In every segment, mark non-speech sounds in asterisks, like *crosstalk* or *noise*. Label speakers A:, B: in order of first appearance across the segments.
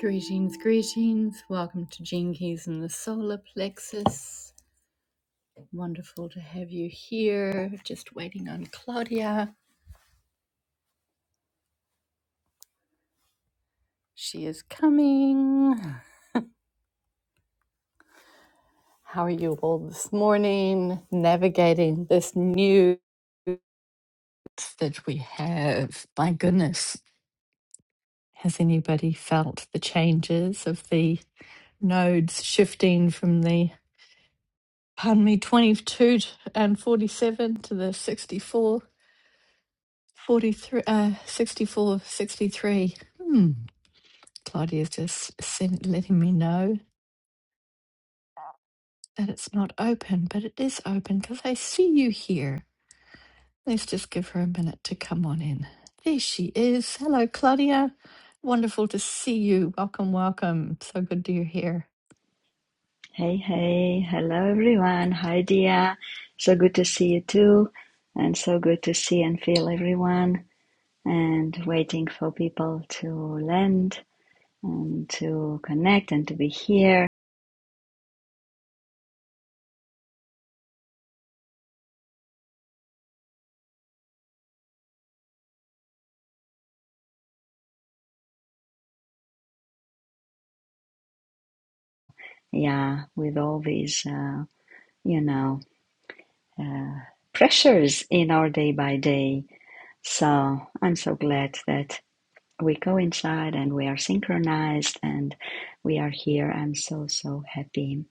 A: Greetings, greetings. Welcome to Gene Keys and the Solar Plexus. Wonderful to have you here. Just waiting on Claudia. She is coming. How are you all this morning? Navigating this new that we have. My goodness. Has anybody felt the changes of the nodes shifting from the, pardon me, 22 and 47 to the 64? 43, uh, 64, sixty-three. Hmm. Claudia's just sent, letting me know that it's not open, but it is open because I see you here. Let's just give her a minute to come on in. There she is. Hello, Claudia. Wonderful to see you. Welcome, welcome. So good to you're here.
B: Hey, hey, hello everyone. Hi, Dia. So good to see you too, and so good to see and feel everyone. And waiting for people to land and to connect and to be here. Yeah, with all these, uh, you know, uh, pressures in our day by day. So I'm so glad that we coincide and we are synchronized and we are here. I'm so, so happy.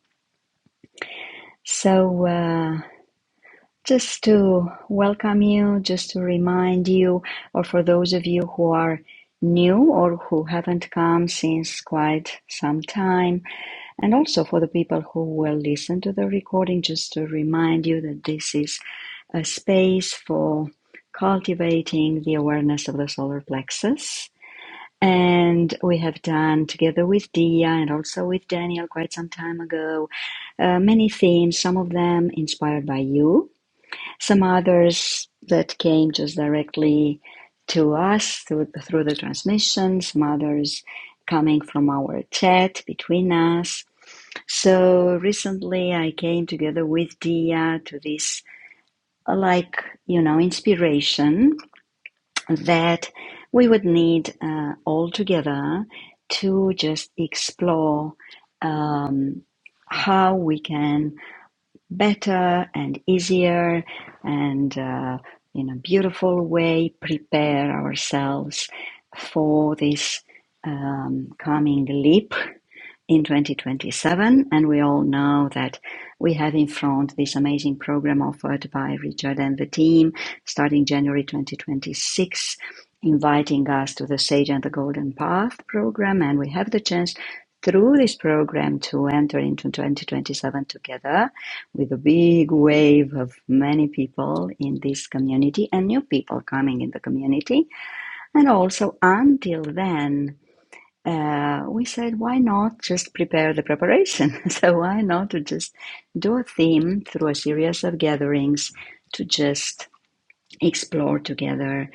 B: So, uh, Just to welcome you, just to remind you, or for those of you who are new or who haven't come since quite some time, and also for the people who will listen to the recording, just to remind you that this is a space for cultivating the awareness of the solar plexus. And we have done together with Dia and also with Daniel quite some time ago uh, many themes, some of them inspired by you some others that came just directly to us through, through the transmission, some others coming from our chat between us. So recently I came together with Dia to this, uh, like, you know, inspiration that we would need uh, all together to just explore um, how we can better and easier and uh, in a beautiful way prepare ourselves for this um, coming leap in 2027. And we all know that we have in front this amazing program offered by Richard and the team starting January 2026, inviting us to the Sage and the Golden Path program. And we have the chance through this program to enter into 2027 together with a big wave of many people in this community and new people coming in the community. And also until then, uh, we said, why not just prepare the preparation? *laughs* so, why not to just do a theme through a series of gatherings to just explore together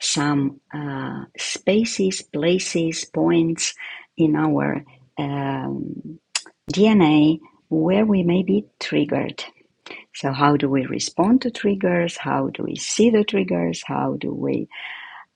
B: some uh, spaces, places, points in our um, DNA where we may be triggered. So, how do we respond to triggers? How do we see the triggers? How do we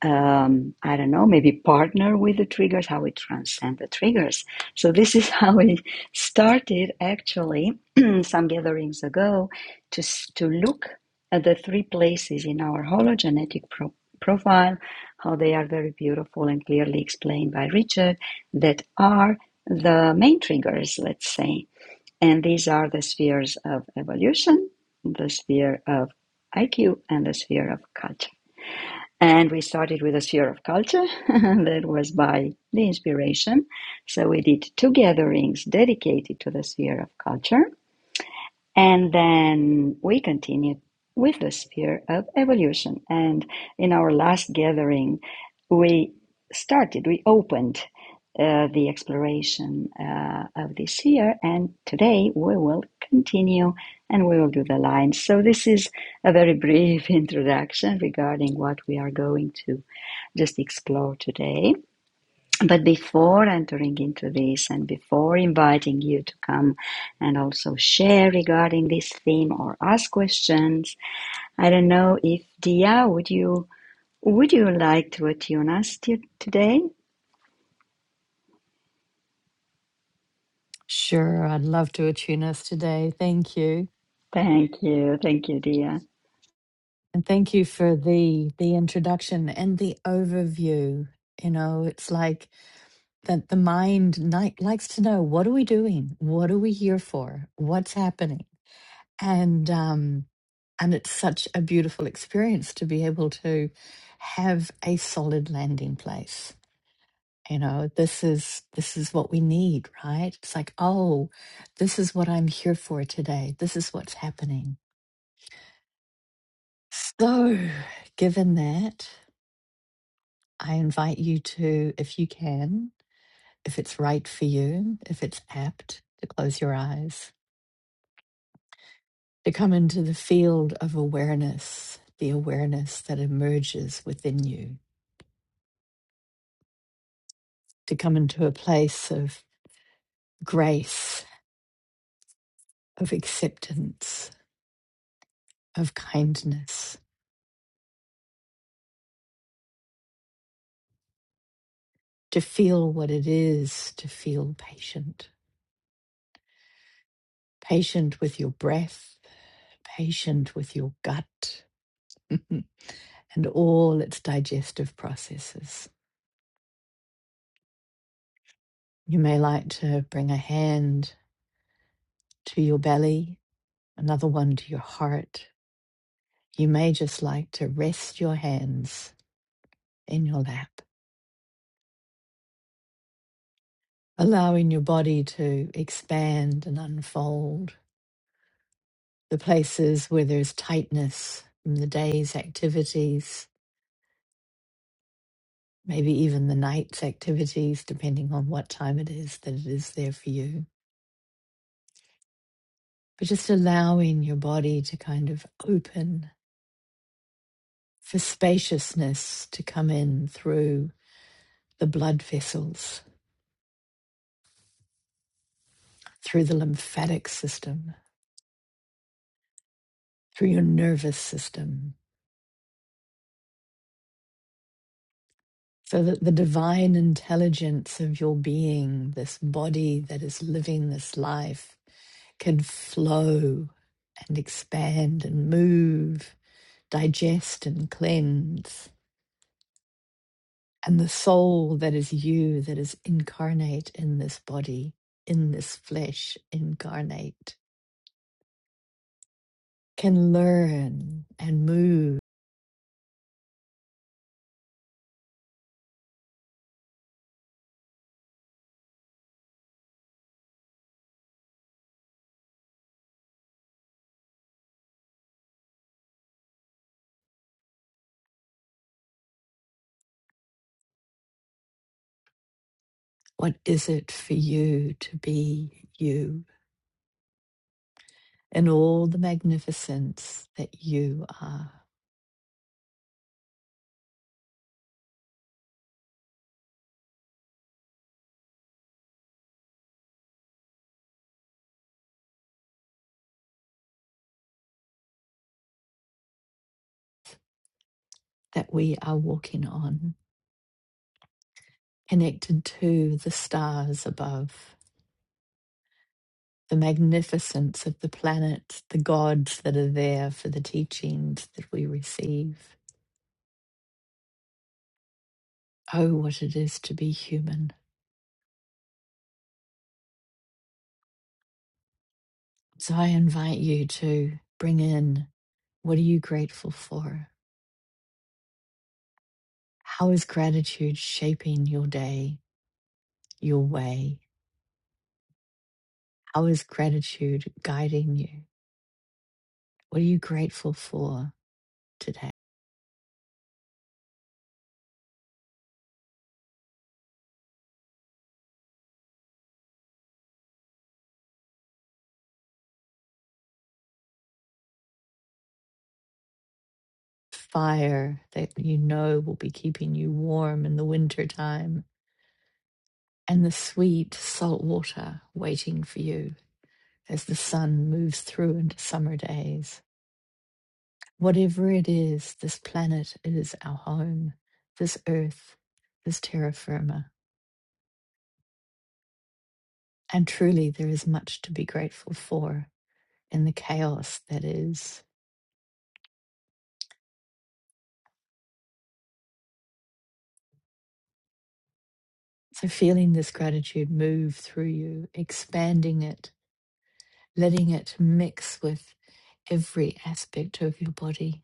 B: um, I don't know, maybe partner with the triggers, how we transcend the triggers. So this is *laughs* how we started actually *clears throat* some gatherings ago to, to look at the three places in our hologenetic pro- profile, how they are very beautiful and clearly explained by Richard, that are the main triggers, let's say. And these are the spheres of evolution, the sphere of IQ, and the sphere of culture. And we started with a sphere of culture *laughs* that was by the inspiration. So we did two gatherings dedicated to the sphere of culture. And then we continued with the sphere of evolution. And in our last gathering, we started, we opened uh, the exploration uh, of this sphere. And today we will continue and we will do the lines. So this is a very *laughs* brief introduction regarding what we are going to just explore today. But before entering into this and before inviting you to come and also share regarding this theme or ask questions, I don't know if Dia, would you would you like to attune us to, today?
A: Sure, I'd love to attune us today. Thank you.
B: Thank you, thank you, Dia.
A: And thank you for the the introduction and the overview. You know, it's like that the mind ni- likes to know what are we doing what are we here for what's happening and um and it's such a beautiful experience to be able to have a solid landing place you know this is this is what we need right it's like oh this is what i'm here for today this is what's happening so given that i invite you to if you can if it's right for you if it's apt to close your eyes to come into the field of awareness, the awareness that emerges within you, to come into a place of grace, of acceptance, of kindness, to feel what it is to feel patient, patient with your breath, patient with your gut *laughs* and all its digestive processes. You may like to bring a hand to your belly, another one to your heart, You may just like to rest your hands in your lap, allowing your body to expand and unfold. The places where there's tightness from the day's activities, maybe even the night's activities, depending on what time it is that it is there for you. But just allowing your body to kind of open for spaciousness to come in through the blood vessels, through the lymphatic system, through your nervous system, so that the divine intelligence of your being, this body that is living this life, can flow and expand and move, digest and cleanse. And the soul that is you, that is incarnate in this body, in this flesh incarnate, can learn and move. What is it for you to be you in all the magnificence that you are? that we are walking on, connected to the stars above, the magnificence of the planet, the gods that are there for the teachings that we receive. Oh, what it is to be human. So I invite you to bring in what are you grateful for? How is gratitude shaping your day, your way? How is gratitude guiding you? What are you grateful for? today? fire that you know will be keeping you warm in the winter time, and the sweet salt water waiting for you as the sun moves through into summer days. Whatever it is, this planet is our home, this earth, this terra firma. And truly, there is much to be grateful for in the chaos that is. So, feeling this gratitude move through you, expanding it letting it mix with every aspect of your body,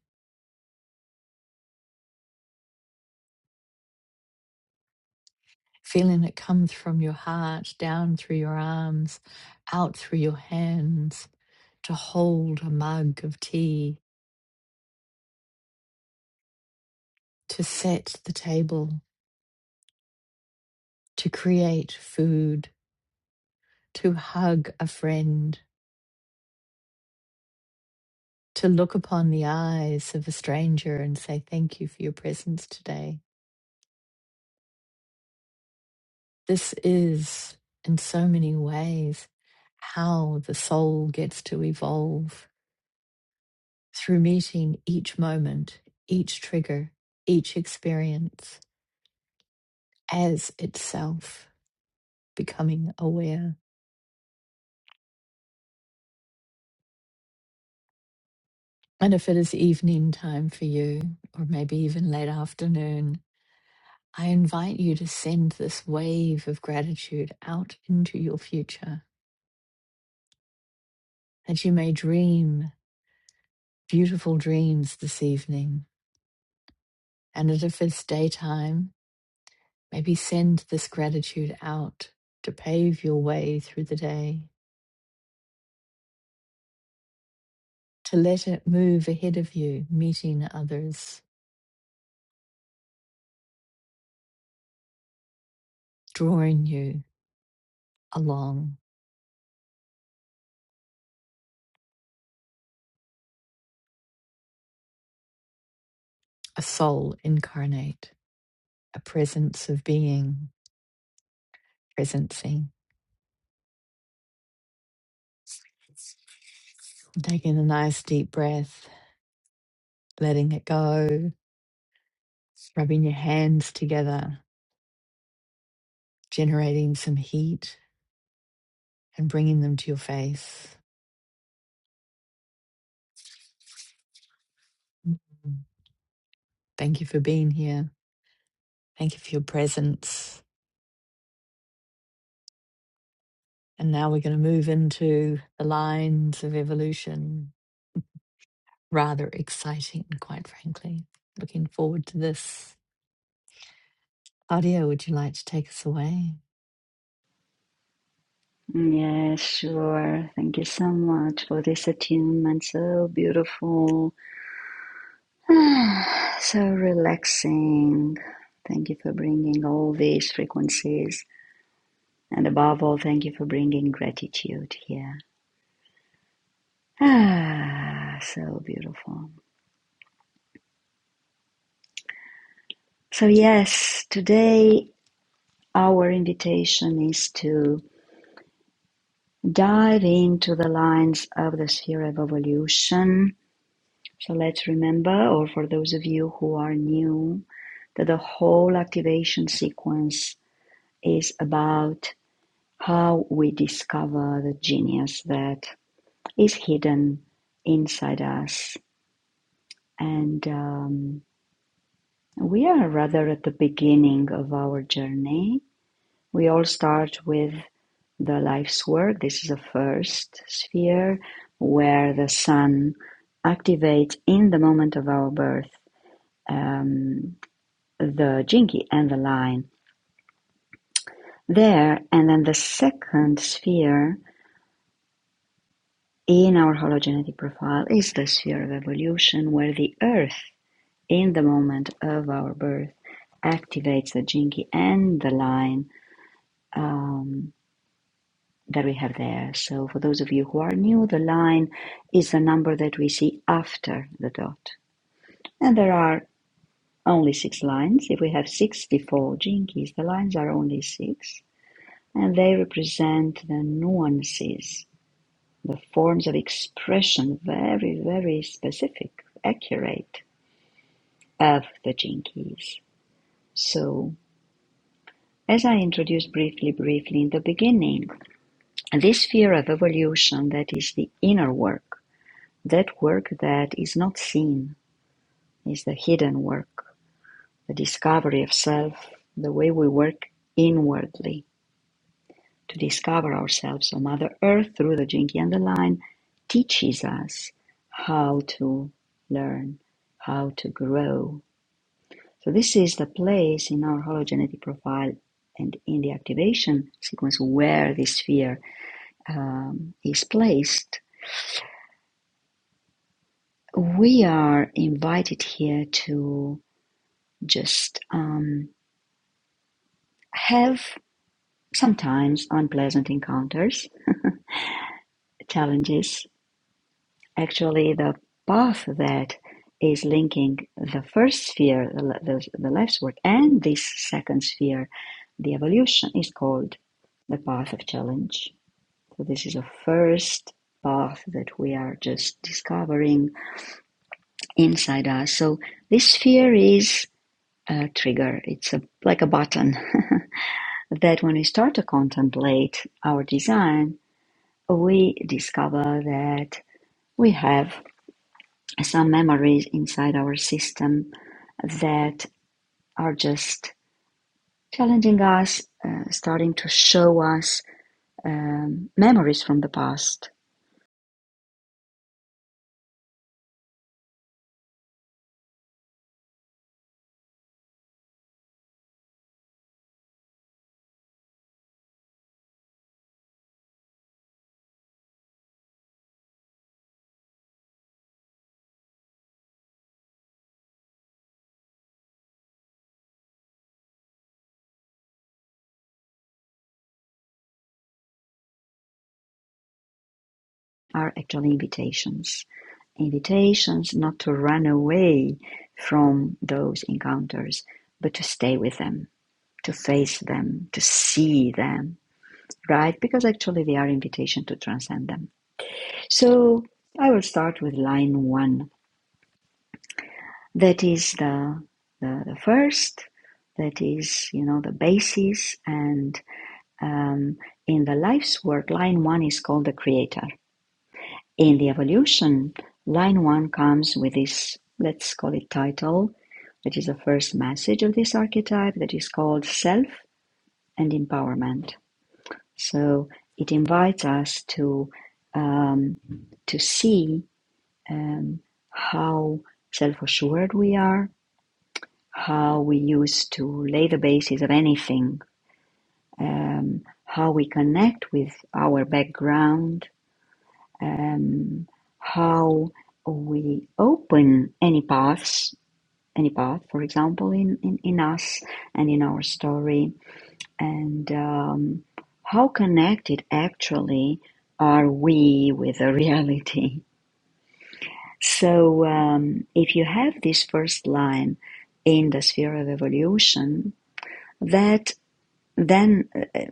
A: feeling it comes from your heart, down through your arms, out through your hands, to hold a mug of tea, to set the table, to create food, to hug a friend, to look upon the eyes of a stranger and say, Thank you for your presence today. This is, in so many ways, how the soul gets to evolve through meeting each moment, each trigger, each experience as itself, becoming aware. And if it is evening time for you, or maybe even late afternoon, I invite you to send this wave of gratitude out into your future that you may dream beautiful dreams this evening. And that if it's daytime, maybe send this gratitude out to pave your way through the day to let it move ahead of you, meeting others, drawing you along, a soul incarnate, a presence of being, presencing, taking a nice deep breath, letting it go, rubbing your hands together, generating some heat and bringing them to your face. Mhm. Thank you for being here. Thank you for your presence. And now we're going to move into the lines of evolution rather exciting, quite frankly. Looking forward to this. Claudia, would you like to take us away?
B: Yes, sure. Thank you so much for this attunement. So beautiful, *sighs* ah, so relaxing. Thank you for bringing all these frequencies And above all, thank you for bringing gratitude here. Ah, so beautiful. So, yes, today our invitation is to dive into the lines of the sphere of evolution. So, let's remember, or for those of you who are new, that the whole activation sequence is about how we discover the genius that is hidden inside us and. Um, We are rather at the beginning of our journey. We all start with the life's work. This is the first sphere where the sun activates in the moment of our birth um, the jinki and the line there. And then the second sphere in our hologenetic profile is the sphere of evolution where the earth in the moment of our birth activates the jinki and the line um, that we have there. So for those of you who are new, the line is the number that we see after the dot. And there are only six lines. If we have 64 jinkies, the lines are only six. And they represent the nuances, the forms of expression, very, very specific, accurate, of the jinkies. So as I introduced briefly, briefly in the beginning, this sphere of evolution that is the inner work That work that is not seen is the hidden work, the discovery of self, the way we work inwardly to discover ourselves. So, Mother Earth, through the Jinky and the Line, teaches us how to learn, how to grow. So, this is the place in our hologenetic profile and in the activation sequence where this sphere um, is placed. We are invited here to just um, have sometimes unpleasant encounters, challenges. Actually, the path that is linking the first sphere, the, the, the life sword, and this second sphere, the evolution, is called the path of challenge. So, this is a first path that we are just discovering inside us. So, this sphere is a trigger, it's a, like a button *laughs* that when we start to contemplate our design, we discover that we have some memories inside our system that are just challenging us, uh, starting to show us um, memories from the past are actually invitations. Invitations not to run away from those encounters, but to stay with them, to face them, to see them, right? Because actually they are invitation to transcend them. So I will start with line one. That is the the, the first. That is you know the basis. And um, in the life's work, line one is called the creator. In the evolution, line one comes with this. Let's call it title. That is the first message of this archetype. That is called self and empowerment. So it invites us to um, to see um, how self assured we are, how we used to lay the basis of anything, um, how we connect with our background, um, how we open any paths, any path, for example, in, in, in us and in our story, and um, how connected actually are we with the *laughs* reality So, um, if you have this first line in the sphere of evolution, that then uh,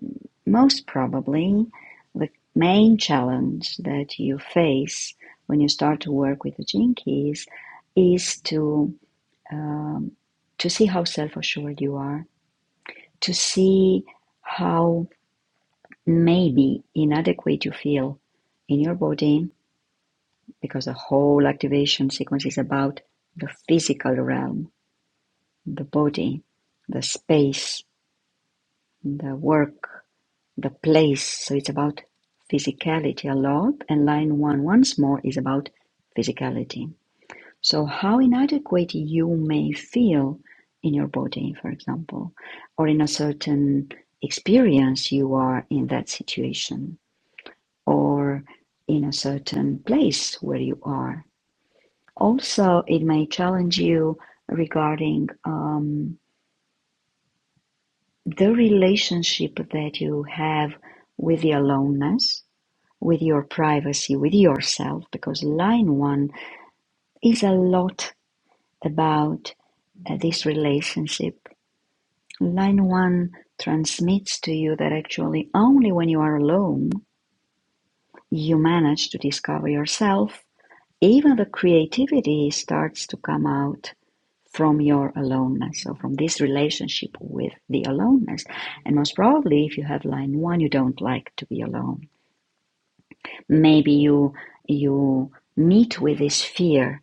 B: most probably the main challenge that you face when you start to work with the gene keys is to um, to see how self-assured you are, to see how maybe inadequate you feel in your body, because the whole activation sequence is about the physical realm the body, the space, the work, the place. So it's about physicality a lot. And line one, once more, is about physicality. So, how inadequate you may feel in your body, for example, or in a certain experience you are in that situation, or in a certain place where you are. Also, it may challenge you regarding. Um, the relationship that you have with the aloneness, with your privacy, with yourself, because line one is a lot about uh, this relationship. Line one transmits to you that actually only when you are alone you manage to discover yourself. Even the creativity starts to come out from your aloneness so from this relationship with the aloneness and most probably if you have line one you don't like to be alone maybe you you meet with this fear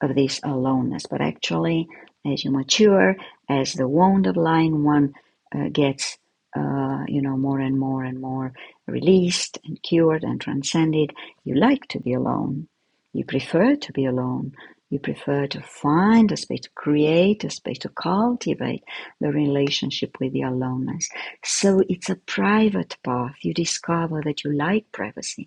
B: of this aloneness. But actually, as you mature, as the wound of line one uh, gets, uh, you know, more and more and more released and cured and transcended, you like to be alone. You prefer to be alone. You prefer to find a space to create, a space to cultivate the relationship with the aloneness. So it's a private path. You discover that you like privacy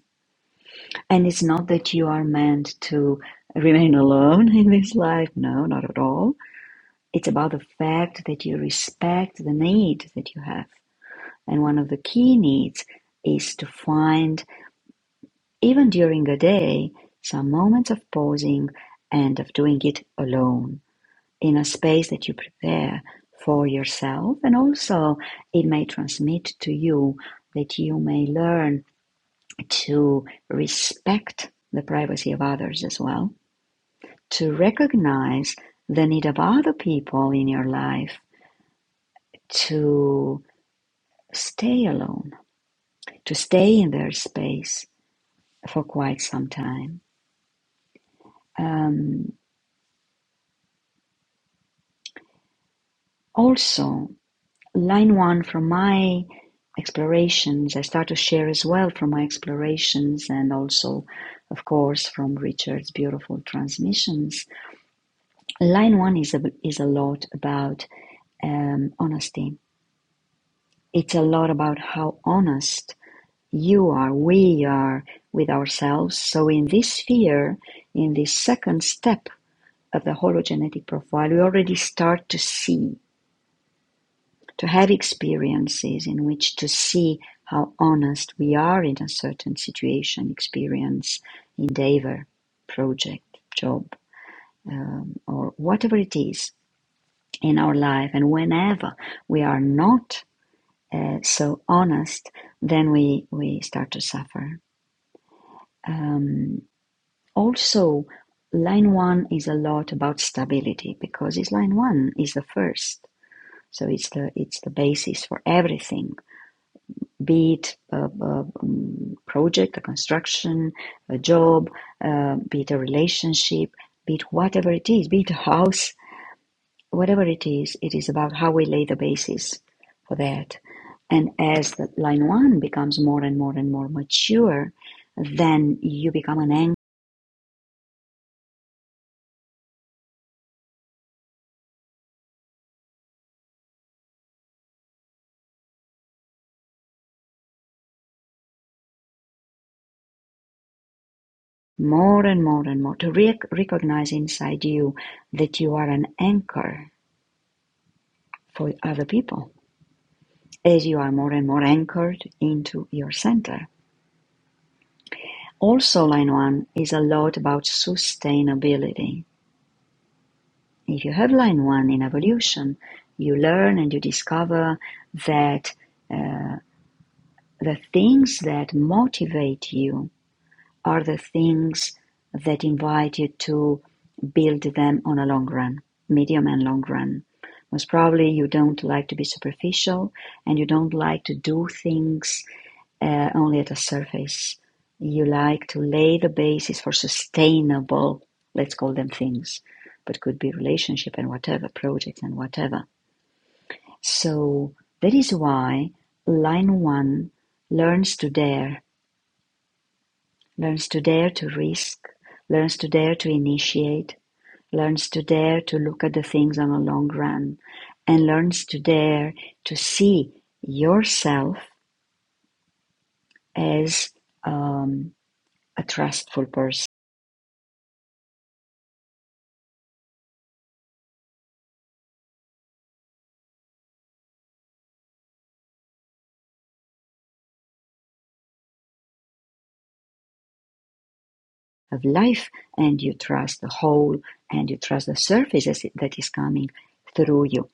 B: and it's not that you are meant to remain alone in this life. No, not at all. It's about the fact that you respect the need that you have. And one of the key needs is to find, even during a day, some moments of pausing and of doing it alone in a space that you prepare for yourself. And also, it may transmit to you that you may learn to respect the privacy of others as well to recognize the need of other people in your life to stay alone, to stay in their space for quite some time. Um, also, line one from my explorations, I start to share as well from my explorations and also, of course, from Richard's beautiful transmissions. Line one is a, is a lot about um, honesty. It's a lot about how honest You are, we are, with ourselves. So in this sphere, in this second step of the hologenetic profile, we already start to see, to have experiences in which to see how honest we are in a certain situation, experience, endeavor, project, job, um, or whatever it is in our life. And whenever we are not uh, so honest, then we, we start to suffer. Um, Also, line one is a lot about stability because it's line one is the first, so it's the it's the basis for everything, be it a, a um, project, a construction, a job, uh, be it a relationship, be it whatever it is, be it a house, whatever it is, it is about how we lay the basis for that. And as the line one becomes more and more and more mature, then you become an anchor more and more and more to re- recognize inside you that you are an anchor for other people as you are more and more anchored into your center. Also, line one is a lot about sustainability. If you have line one in evolution, you learn and you discover that the things that motivate you are the things that invite you to build them on a long run, medium and long run. Most probably, you don't like to be superficial and you don't like to do things uh, only at a surface. You like to lay the basis for sustainable, let's call them things, but could be relationship and whatever, projects and whatever. So that is why line one learns to dare learns to dare to risk, learns to dare to initiate, learns to dare to look at the things on a long run, and learns to dare to see yourself as um, a trustful person of life, and you trust the whole, and you trust the surface that is coming through you.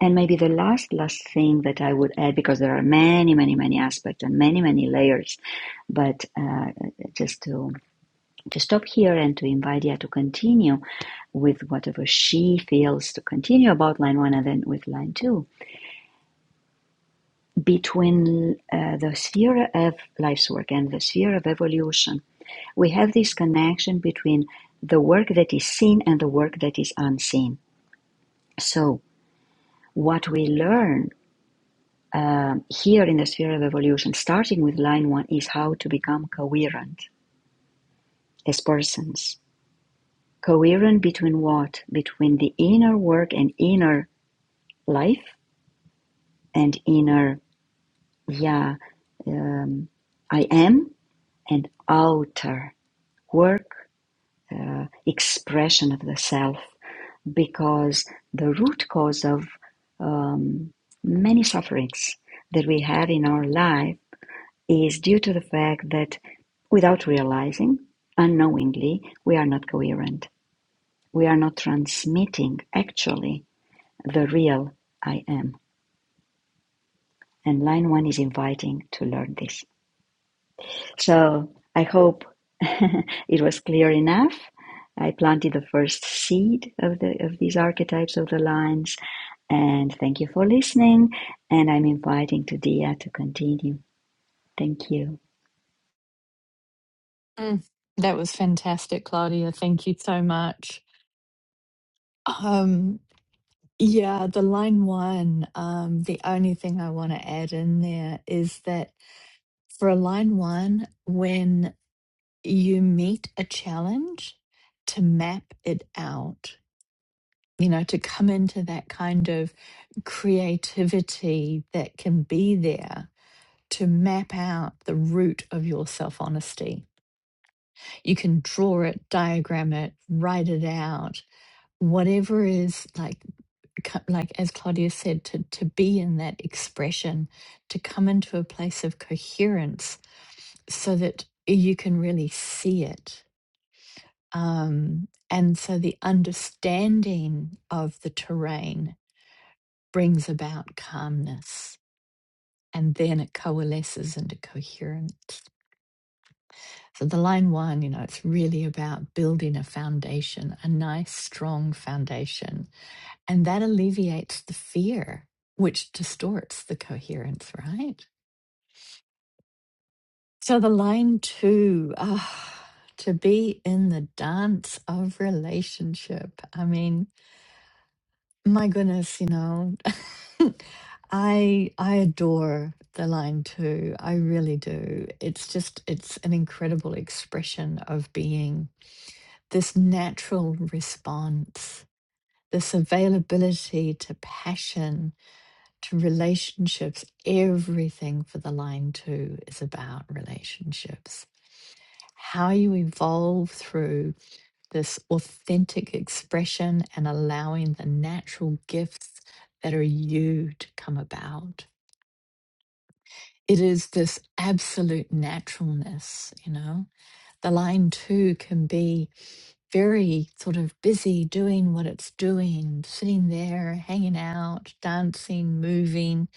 B: And maybe the last, last thing that I would add, because there are many, many, many aspects and many, many layers, but uh, just to to stop here and to invite Dia to continue with whatever she feels to continue about line one and then with line two. Between uh, the sphere of life's work and the sphere of evolution, we have this connection between the work that is seen and the work that is unseen. So, what we learn um, here in the sphere of evolution, starting with line one, is how to become coherent as persons. Coherent between what? Between the inner work and inner life and inner yeah um, i am and outer work uh, expression of the self because the root cause of um, many sufferings that we have in our life is due to the fact that without realizing unknowingly we are not coherent we are not transmitting actually the real i am and line one is inviting to learn this So I hope *laughs* it was clear enough. I planted the first seed of the of these archetypes of the lines, and thank you for listening. And I'm inviting to to continue. Thank you.
A: Mm, that was fantastic, Claudia. Thank you so much. Um, yeah, the line one, um, the only thing I want to add in there is that for a line one, when you meet a challenge, to map it out, you know, to come into that kind of creativity that can be there to map out the root of your self honesty. You can draw it, diagram it, write it out, whatever is like, like as Claudia said, to, to be in that expression, to come into a place of coherence so that you can really see it. Um, and so the understanding of the terrain brings about calmness and then it coalesces into coherence. So the line one, you know, it's really about building a foundation, a nice, strong foundation. And that alleviates the fear, which distorts the coherence, right? So the line two, ah, to be in the dance of relationship. I mean, my goodness, you know, *laughs* I I adore the line two. I really do. It's just it's an incredible expression of being this natural response, this availability to passion, to relationships. Everything for the line two is about relationships. How you evolve through this authentic expression and allowing the natural gifts that are you to come about. It is this absolute naturalness, you know. The line two can be very sort of busy doing what it's doing, sitting there, hanging out, dancing, moving,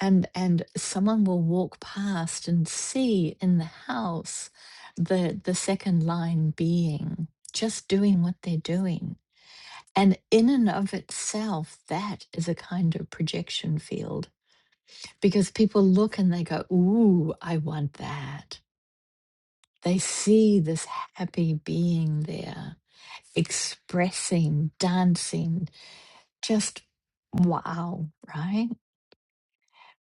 A: and and someone will walk past and see in the house the the second line being just doing what they're doing. And in and of itself, that is a kind of projection field because people look and they go, Ooh, I want that. They see this happy being there expressing, dancing, just wow, right?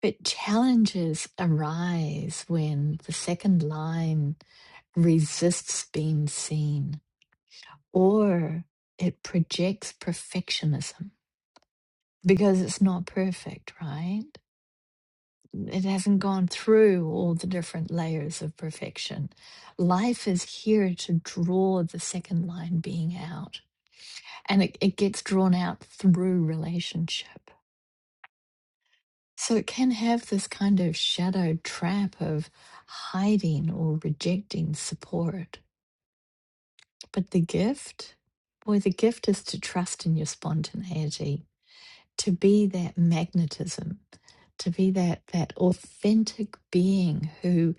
A: But challenges arise when the second line resists being seen or it projects perfectionism because it's not perfect, right? It hasn't gone through all the different layers of perfection. Life is here to draw the second line being out, and it, it gets drawn out through relationship So it can have this kind of shadow trap of hiding or rejecting support. But the gift, boy, the gift is to trust in your spontaneity, to be that magnetism, to be that that authentic being who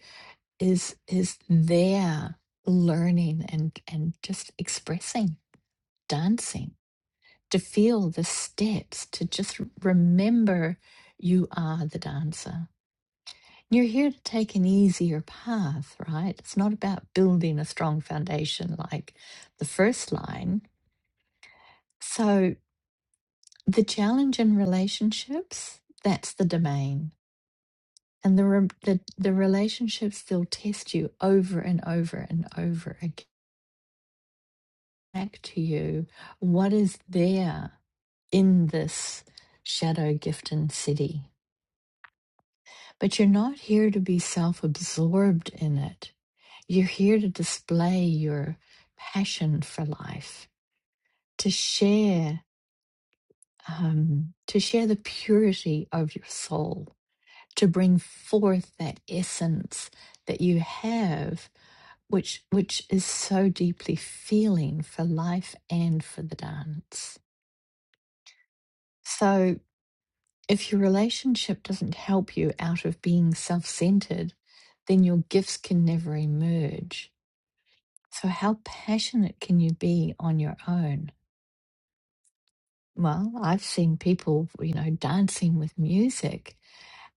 A: is is there learning and and just expressing, dancing, to feel the steps, to just remember you are the dancer You're here to take an easier path, right? It's not about building a strong foundation like the first line. So, the challenge in relationships, that's the domain. And the, re- the, the relationships, they'll test you over and over and over again. Back to you, what is there in this shadow gift and city? But you're not here to be self absorbed in it You're here to display your passion for life, to share, um, to share the purity of your soul, to bring forth that essence that you have, which which is so deeply feeling for life and for the dance. So if your relationship doesn't help you out of being self-centered, then your gifts can never emerge. So how passionate can you be on your own? Well, I've seen people, you know, dancing with music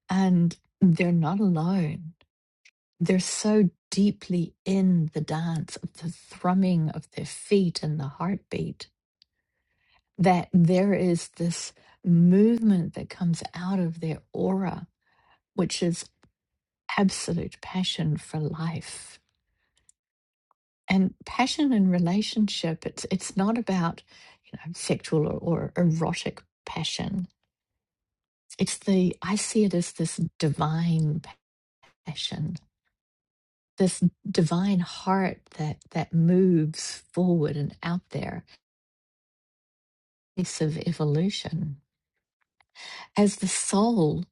A: and they're not alone. They're so deeply in the dance of the thrumming of their feet and the heartbeat that there is this movement that comes out of their aura, which is absolute passion for life. And passion in relationship, it's it's not about, you know, sexual or, or erotic passion It's the, I see it as this divine passion, this divine heart that, that moves forward and out there, piece of evolution. As the soul,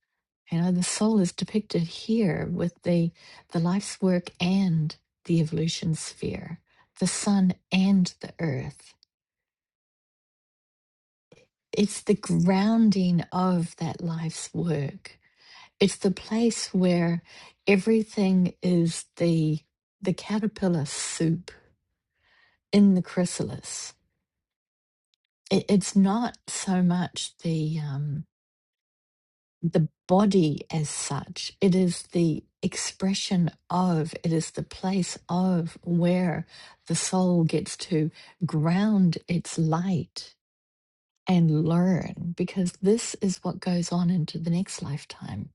A: you know, the soul is depicted here with the, the life's work and the evolution sphere, the sun and the earth. It's the grounding of that life's work it's the place where everything is the the caterpillar soup in the chrysalis it, it's not so much the um the body as such it is the expression of it is the place of where the soul gets to ground its light and learn because this is what goes on into the next lifetime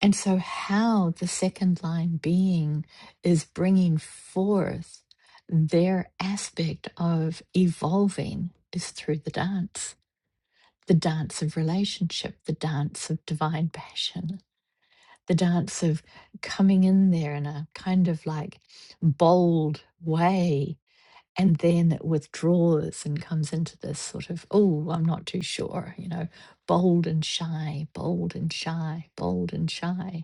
A: And so, how the second line being is bringing forth their aspect of evolving is through the dance, the dance of relationship, the dance of divine passion, the dance of coming in there in a kind of like bold way. And then it withdraws and comes into this sort of, oh, I'm not too sure, you know, bold and shy, bold and shy, bold and shy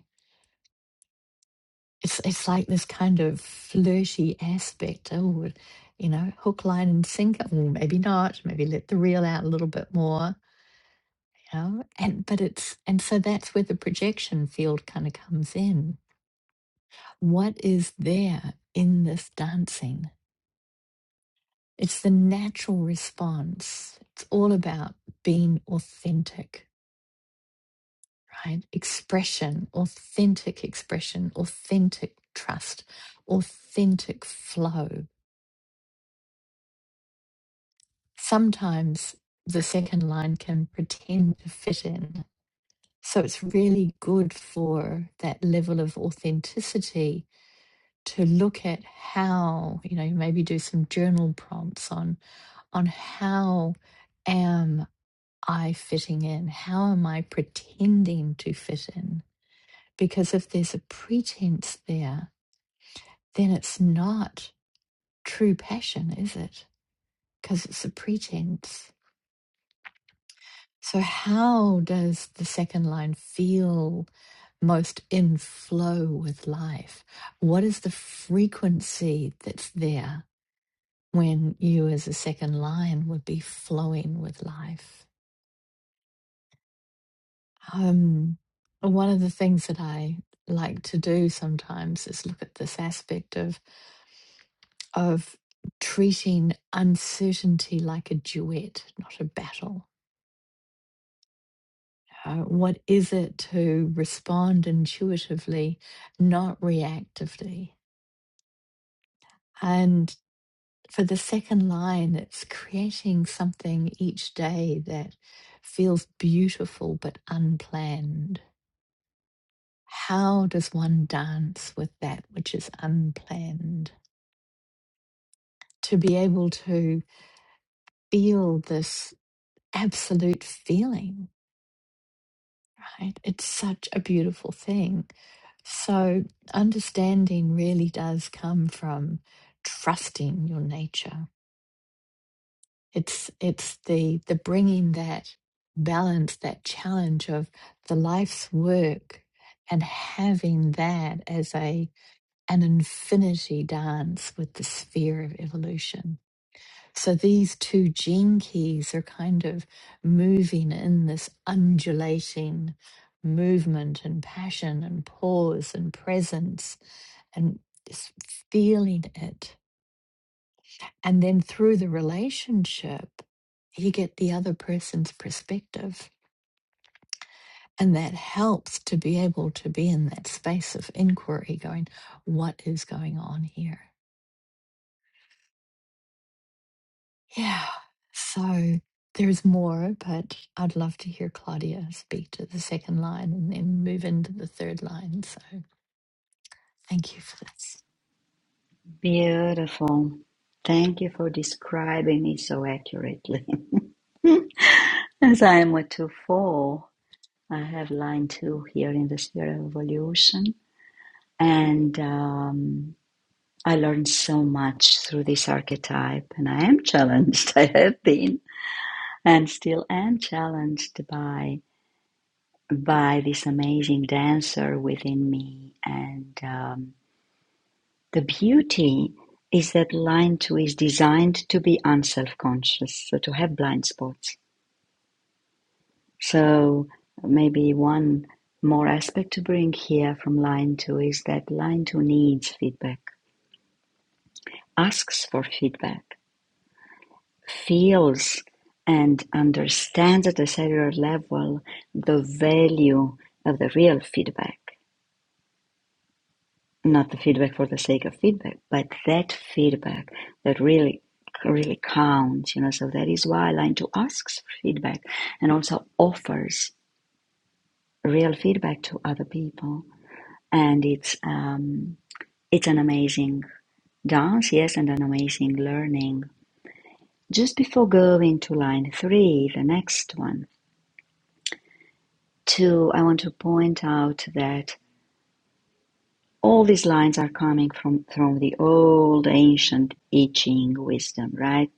A: it's it's like this kind of flirty aspect. Oh, you know, hook, line, and sinker. Or maybe not. Maybe let the reel out a little bit more. You know, and but it's and so that's where the projection field kind of comes in. What is there in this dancing? It's the natural response. It's all about being authentic, right? Expression, authentic expression, authentic trust, authentic flow sometimes the second line can pretend to fit in. So it's really good for that level of authenticity to look at how, you know, maybe do some journal prompts on on how am I fitting in? How am I pretending to fit in? Because if there's a pretense there, then it's not true passion, is it? Because it's a pretense. So, how does the second line feel most in flow with life? What is the frequency that's there when you, as a second line, would be flowing with life? Um, one of the things that I like to do sometimes is look at this aspect of of treating uncertainty like a duet, not a battle uh, what is it to respond intuitively, not reactively? And for the second line, it's creating something each day that feels beautiful but unplanned. How does one dance with that which is unplanned? To be able to feel this absolute feeling, right? It's such a beautiful thing So, understanding really does come from trusting your nature. It's it's the the bringing that balance, that challenge of the life's work, and having that as a an infinity dance with the sphere of evolution so these two gene keys are kind of moving in this undulating movement and passion and pause and presence and just feeling it. And then through the relationship, you get the other person's perspective. And that helps to be able to be in that space of inquiry, going, what is going on here? Yeah. So there's more, but I'd love to hear Claudia speak to the second line and then move into the third line. So thank you for this.
B: Beautiful. Thank you for describing it so accurately. *laughs* As I am with two four, I have line two here in the sphere of evolution, and. Um, I learned so much through this archetype, and I am *laughs* challenged. I have been and still am challenged by by this amazing dancer within me. And um, the beauty is that line two is designed to be unself-conscious, so to have blind spots. So maybe one more aspect to bring here from line two is that line two needs feedback, asks for feedback feels and understands at a cellular level the value of the real feedback, not the feedback for the sake of feedback, but that feedback that really really counts you know so that is why line two asks for feedback and also offers real feedback to other people and it's um it's an amazing dance yes and an amazing learning just before going to line three the next one Two, I want to point out that all these lines are coming from, from the old ancient I Ching wisdom, right?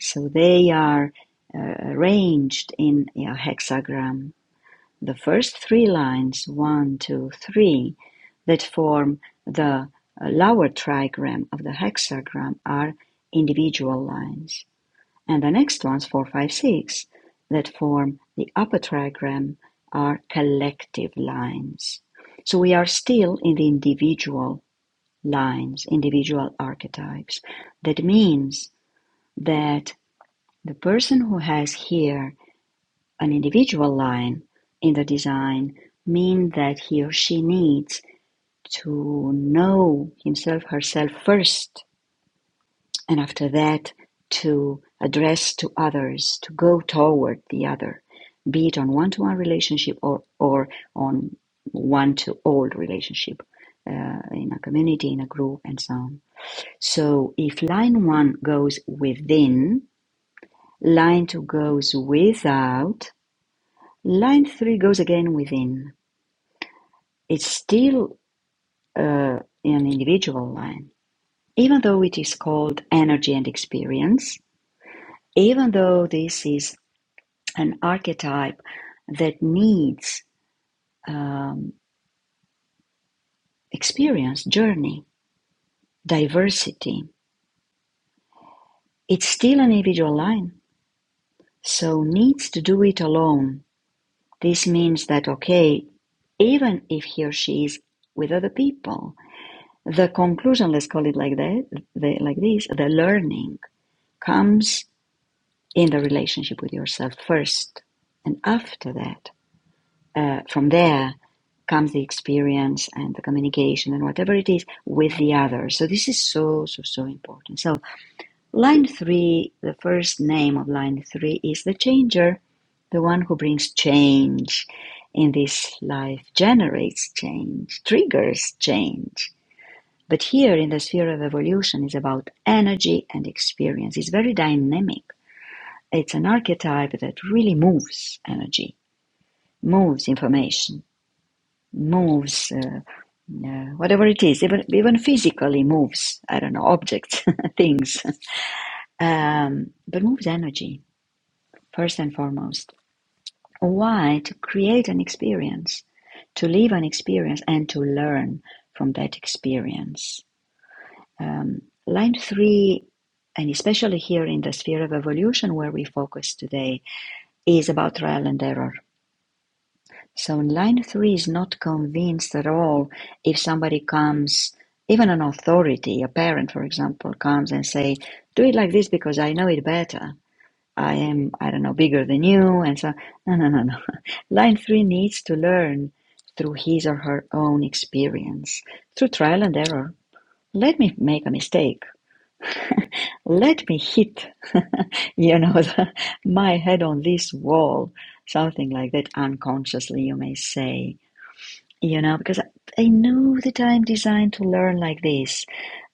B: So they are uh, arranged in a hexagram. The first three lines, one, two, three, that form the uh, lower trigram of the hexagram are individual lines and the next ones, four, five, six, that form the upper trigram are collective lines. So we are still in the individual lines, individual archetypes. That means that the person who has here an individual line in the design means that he or she needs to know himself herself first and after that to address to others, to go toward the other, be it on one to one relationship or, or on one to all relationship uh, in a community, in a group, and so on. So if line one goes within, line two goes without, line three goes again within. It's still uh, an individual line, even though it is called energy and experience even though this is an archetype that needs um, experience, journey, diversity. It's still an individual line, so needs to do it alone. This means that, okay, even if he or she is with other people, the conclusion, let's call it like that, the, like this, the learning comes in the relationship with yourself first. And after that, uh, from there comes the experience and the communication and whatever it is with the other. So this is so, so, so important. So line three, the first name of line three is the changer, the one who brings change in this life, generates change, triggers change. But here in the sphere of evolution is about energy and experience. It's very dynamic. It's an archetype that really moves energy, moves information moves, uh, uh, whatever it is, even even physically moves. I don't know objects, *laughs* things, um, but moves energy first and foremost. Why to create an experience, to live an experience, and to learn from that experience. Um, line three, and especially here in the sphere of evolution where we focus today, is about trial and error So in line three is not convinced at all if somebody comes, even an authority, a parent, for example, comes and say, do it like this because I know it better. I am, I don't know, bigger than you. And so, no, no, no, no. *laughs* Line three needs to learn through his or her own experience, through trial and error. Let me make a mistake. Let me hit, *laughs* you know, the, my head on this wall, something like that unconsciously, you may say you know, because I know that I'm designed to learn like this.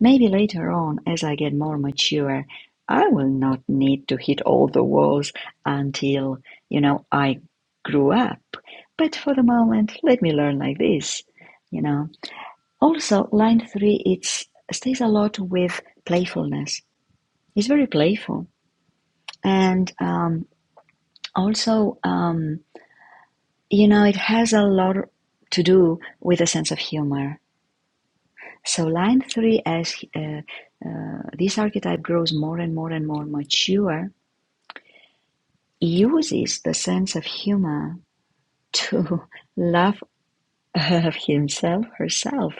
B: Maybe later on, as I get more mature, I will not need to hit all the walls until, you know, I grew up. But for the moment, let me learn like this, you know. Also, line three, it stays a lot with playfulness. It's very playful. And um, also, um, you know, it has a lot to do with a sense of humor So line three, as uh, this archetype grows more and more and more mature, uses the sense of humor to *laughs* love of himself, herself,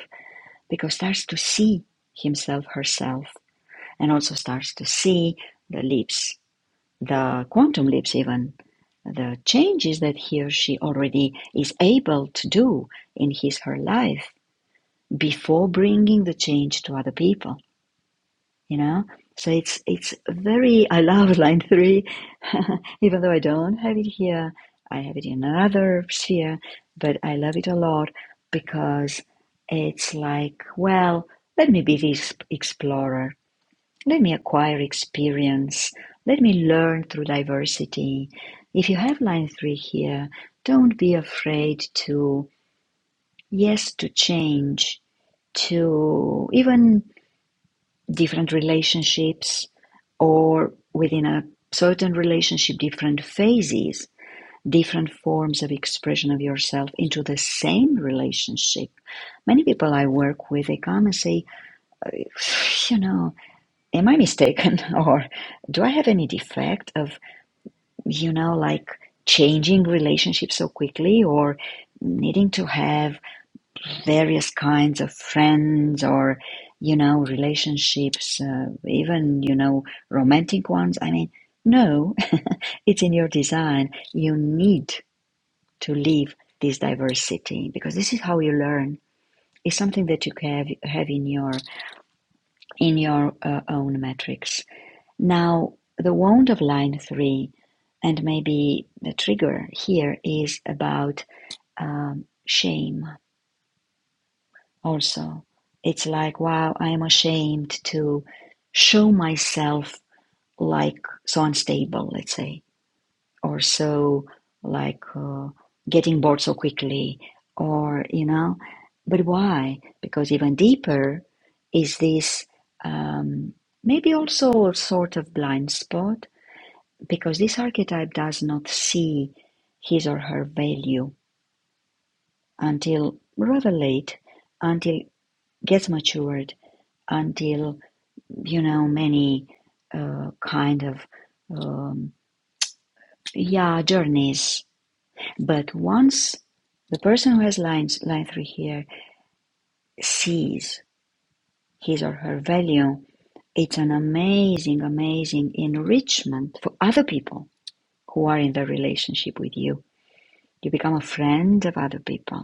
B: because starts to see himself, herself, and also starts to see the leaps, the quantum leaps, even the changes that he or she already is able to do in his her life before bringing the change to other people you know so it's it's very i love line three *laughs* even though i don't have it here i have it in another sphere but i love it a lot because it's like well let me be this explorer let me acquire experience let me learn through diversity if you have line three here don't be afraid to yes to change to even different relationships or within a certain relationship, different phases, different forms of expression of yourself into the same relationship. Many people I work with, they come and say, you know, am I mistaken? *laughs* Or do I have any defect of, you know, like changing relationships so quickly or needing to have various kinds of friends or you know relationships uh, even you know romantic ones i mean no *laughs* it's in your design you need to live this diversity because this is how you learn it's something that you can have, have in your in your uh, own metrics now the wound of line 3 and maybe the trigger here is about um, shame also. It's like, wow, I am ashamed to show myself like so unstable, let's say, or so like uh, getting bored so quickly, or, you know, but why? Because even deeper is this um, maybe also a sort of blind spot, because this archetype does not see his or her value until rather late, until gets matured, until you know, many uh, kind of um, yeah journeys. But once the person who has lines line three here sees his or her value, it's an amazing, amazing enrichment for other people who are in the relationship with you. You become a friend of other people,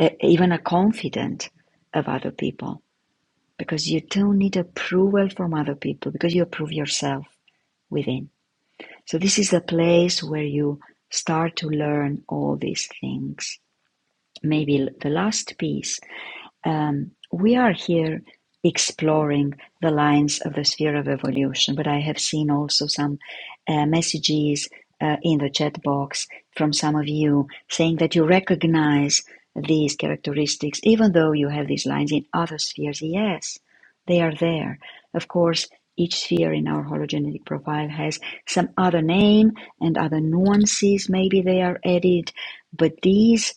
B: e- even a confidant of other people, because you don't need approval from other people because you approve yourself within So this is a place where you start to learn all these things. Maybe the last piece um, we are here exploring the lines of the sphere of evolution, but I have seen also some uh, messages uh, in the chat box from some of you saying that you recognize these characteristics, even though you have these lines in other spheres. Yes, they are there. Of course, each sphere in our hologenetic profile has some other name and other nuances, maybe they are added, but these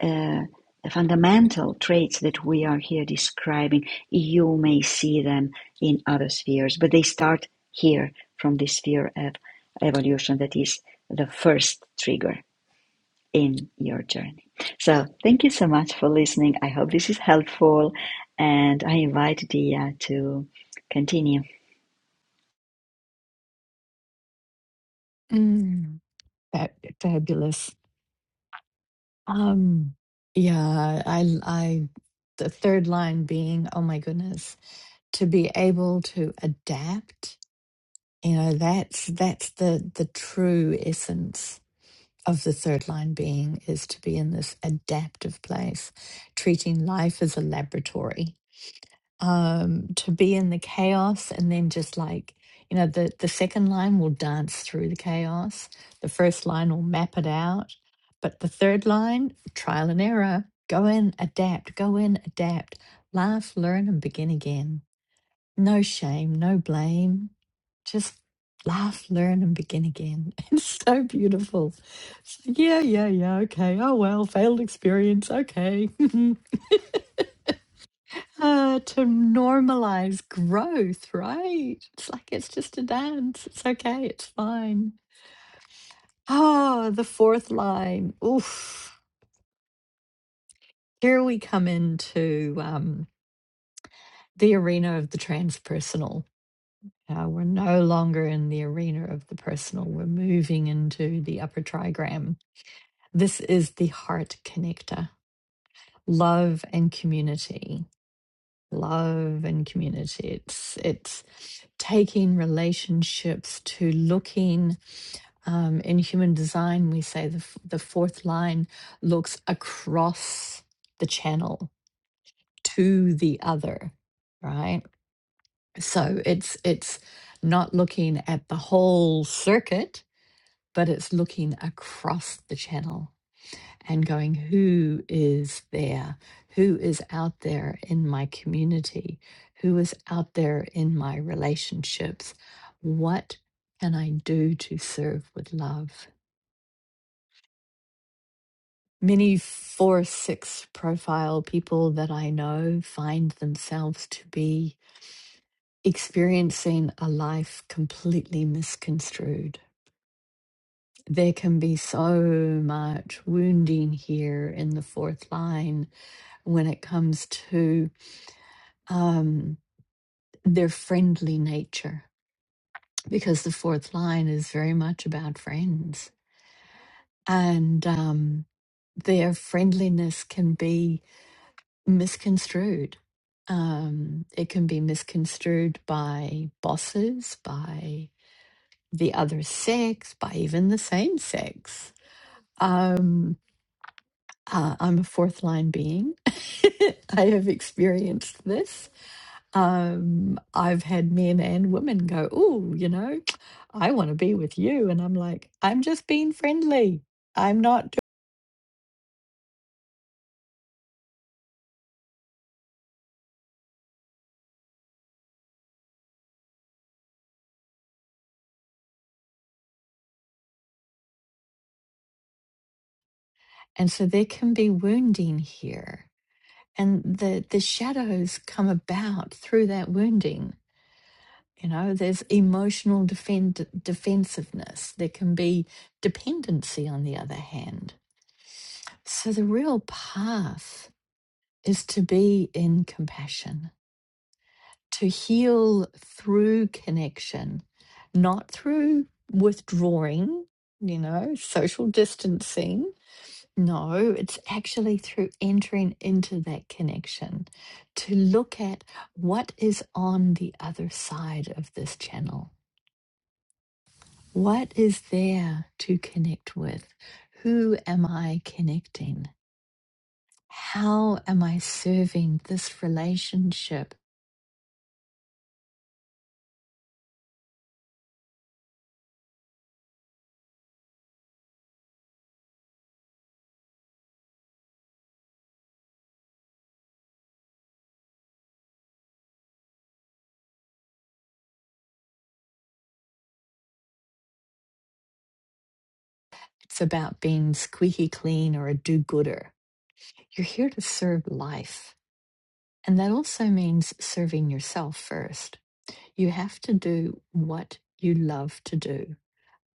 B: uh, fundamental traits that we are here describing. You may see them in other spheres, but they start here from the sphere of evolution that is the first trigger in your journey. So, thank you so much for listening. I hope this is helpful, and I invite Dia to continue.
A: Mm, fab- fabulous. Um, yeah, I, I, the third line being, oh my goodness, to be able to adapt. You know, that's that's the the true essence of the third line being is to be in this adaptive place, treating life as a laboratory, um, to be in the chaos and then just like, you know, the, the second line will dance through the chaos, the first line will map it out, but the third line, trial and error, go in, adapt, go in, adapt, laugh, learn, and begin again no shame, no blame. Just laugh, learn, and begin again. *laughs* It's so beautiful. So, yeah, yeah, yeah. Okay. Oh, well, failed experience. Okay. *laughs* uh, to normalize growth, right? It's like it's just a dance. It's okay. It's fine. Oh, the fourth line. Oof. Here we come into um, the arena of the transpersonal Uh, we're no longer in the arena of the personal. We're moving into the upper trigram. This is the heart connector. Love and community. Love and community. It's it's taking relationships to looking um, in human design, we say the, f- the fourth line looks across the channel to the other, right? So it's it's not looking at the whole circuit, but it's looking across the channel and going, who is there? Who is out there in my community? Who is out there in my relationships? What can I do to serve with love? Many four, six profile people that I know find themselves to be experiencing a life completely misconstrued There can be so much wounding here in the fourth line when it comes to um, their friendly nature, because the fourth line is very much about friends. And um, their friendliness can be misconstrued. Um, it can be misconstrued by bosses, by the other sex, by even the same sex. Um, Uh, I'm a fourth line being. *laughs* I have experienced this. Um, I've had men and women go, Oh, you know, I want to be with you. And I'm like, I'm just being friendly. I'm not. do-" And so there can be wounding here. And the, the shadows come about through that wounding. You know, there's emotional defend, defensiveness. There can be dependency on the other hand. So the real path is to be in compassion, to heal through connection, not through withdrawing, you know, social distancing. No, it's actually through entering into that connection to look at what is on the other side of this channel. What is there to connect with? Who am I connecting? How am I serving this relationship It's about being squeaky clean or a do gooder. You're here to serve life. And that also means serving yourself first. You have to do what you love to do,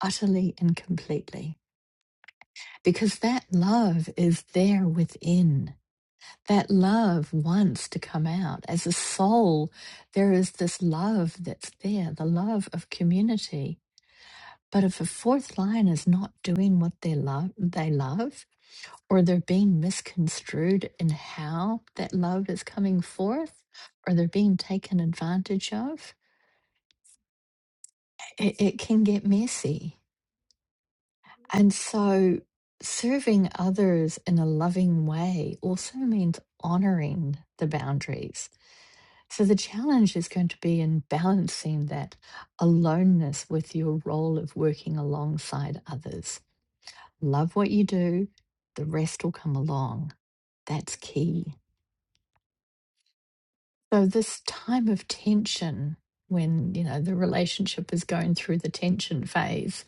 A: utterly and completely, because that love is there within. That love wants to come out. As a soul, there is this love that's there, the love of community But if a fourth line is not doing what they love, they love, or they're being misconstrued in how that love is coming forth, or they're being taken advantage of, it, it can get messy. And so, serving others in a loving way also means honoring the boundaries. So, the challenge is going to be in balancing that aloneness with your role of working alongside others. love what you do, the rest will come along. That's key. So, this time of tension, when you know the relationship is going through the tension phase,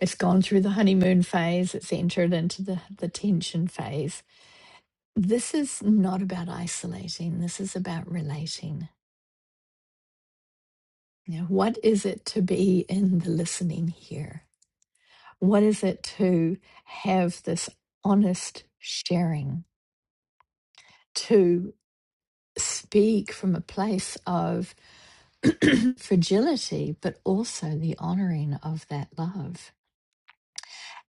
A: it's gone through the honeymoon phase, it's entered into the, the tension phase. This is not about isolating, this is about relating. You know, what is it to be in the listening here? What is it to have this honest sharing, To speak from a place of *clears throat* fragility, but also the honoring of that love.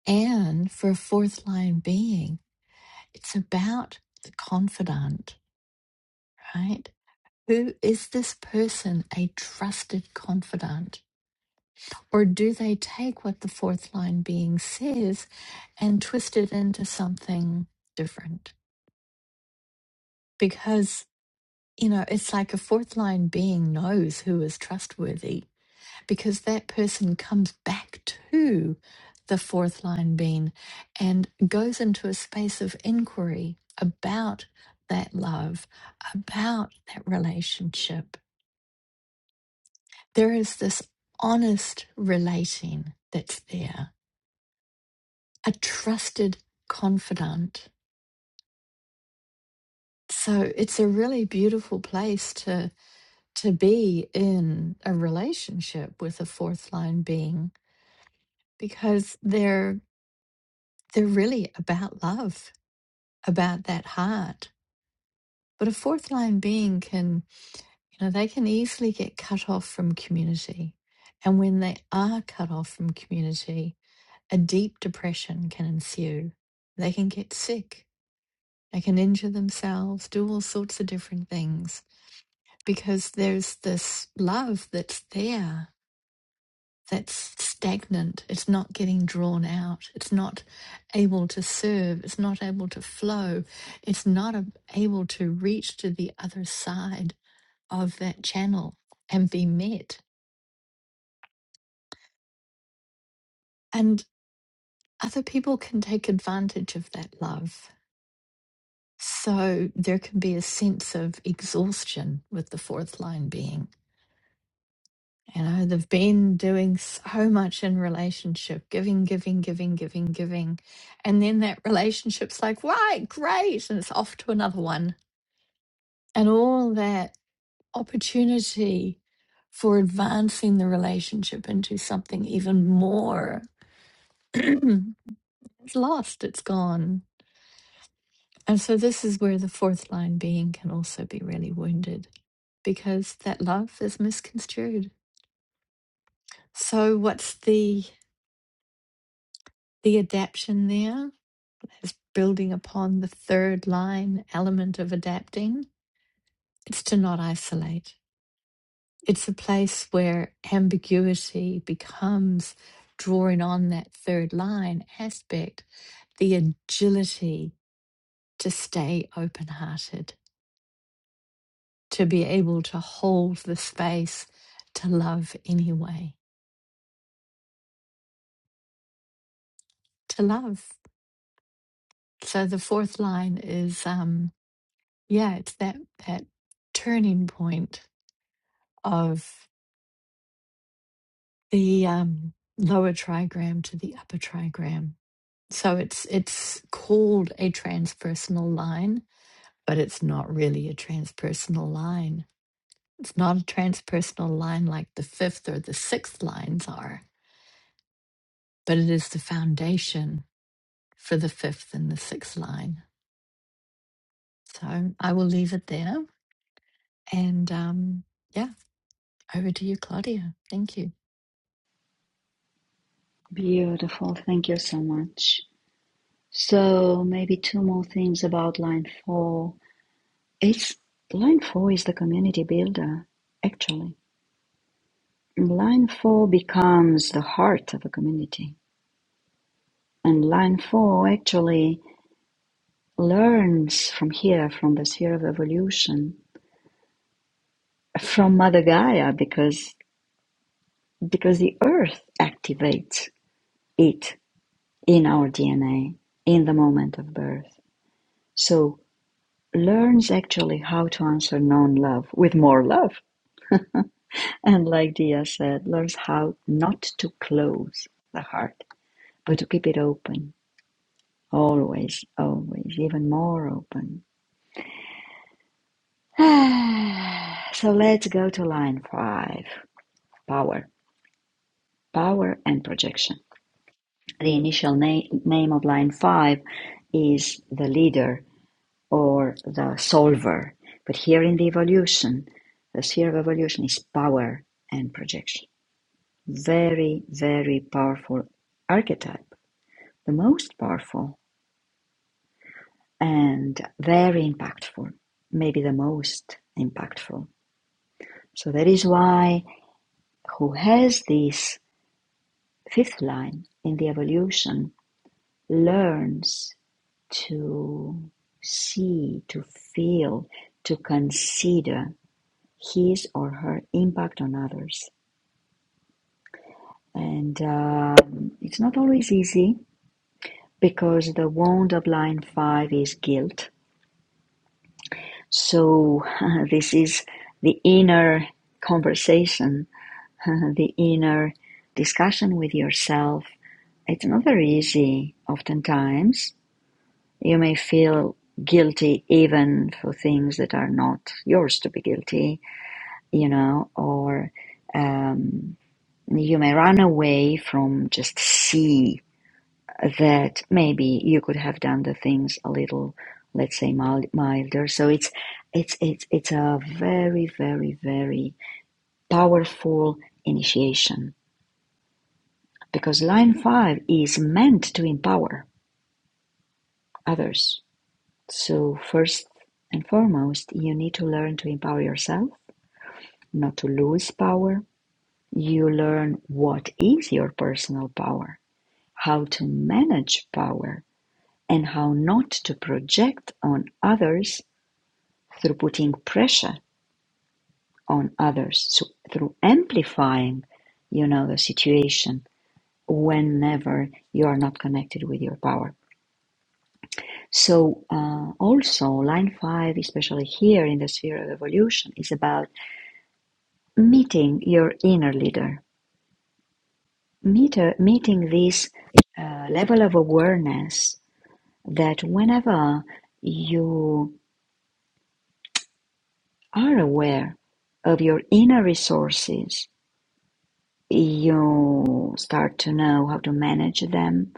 A: And for a fourth line being, it's about the confidant, right? Who is this person a trusted confidant? Or do they take what the fourth line being says and twist it into something different? Because, you know, it's like a fourth line being knows who is trustworthy because that person comes back to the fourth line being and goes into a space of inquiry about that love, about that relationship. There is this honest relating that's there, a trusted confidant. So it's a really beautiful place to to be in a relationship with a fourth line being because they're they're really about love about that heart. But a fourth line being can, you know, they can easily get cut off from community. And when they are cut off from community, a deep depression can ensue. They can get sick. They can injure themselves, do all sorts of different things because there's this love that's there that's stagnant. It's not getting drawn out. It's not able to serve. It's not able to flow. It's not able to reach to the other side of that channel and be met. And other people can take advantage of that love. So there can be a sense of exhaustion with the fourth line being. You know, they've been doing so much in relationship, giving, giving, giving, giving, giving. And then that relationship's like, right, great. And it's off to another one. And all that opportunity for advancing the relationship into something even more *clears throat* its lost, it's gone. And so this is where the fourth line being can also be really wounded because that love is misconstrued. So what's the the adaption there? is building upon the third line element of adapting. It's to not isolate. It's a place where ambiguity becomes drawing on that third line aspect, the agility to stay open hearted, to be able to hold the space to love anyway, to love. So the fourth line is, um, yeah, it's that, that turning point of. the um, lower trigram to the upper trigram. So it's it's called a transpersonal line, but it's not really a transpersonal line. It's not a transpersonal line like the fifth or the sixth lines are, but it is the foundation for the fifth and the sixth line. So I will leave it there. And um, yeah, over to you, Claudia. Thank you.
B: Beautiful. Thank you so much. So, maybe two more things about line four It's line four is the community builder, actually. Line four becomes the heart of a community. And line four actually learns from here, from the sphere of evolution, from Mother Gaia, because because the earth activates it in our DNA in the moment of birth. So learns actually how to answer non-love with more love. And like Dia said, learns how not to close the heart But to keep it open. Always, always, even more open. *sighs* so let's go to line five power. Power and projection. The initial na- name of line five is the leader or the solver. But here in the evolution, the sphere of evolution is power and projection. Very, very powerful archetype. The most powerful and very impactful, maybe the most impactful. So that is why who has this fifth line in the evolution learns to see, to feel, to consider his or her impact on others. And um it's not always easy because the wound of line five is guilt. So *laughs* uh, this is the inner conversation *laughs* the inner discussion with yourself. It's not very easy oftentimes. You may feel guilty even for things that are not yours to be guilty, you know, or um, you may run away from just see that maybe you could have done the things a little, let's say, milder. So it's it's it's it's a very very very powerful initiation because line five is meant to empower others. So, first and foremost, you need to learn to empower yourself, not to lose power. You learn what is your personal power, how to manage power, and how not to project on others through putting pressure on others, so through amplifying, you know, the situation whenever you are not connected with your power So uh, also line five, especially here in the sphere of evolution, is about meeting your inner leader, Meter, meeting this uh, level of awareness that whenever you are aware of your inner resources, you start to know how to manage them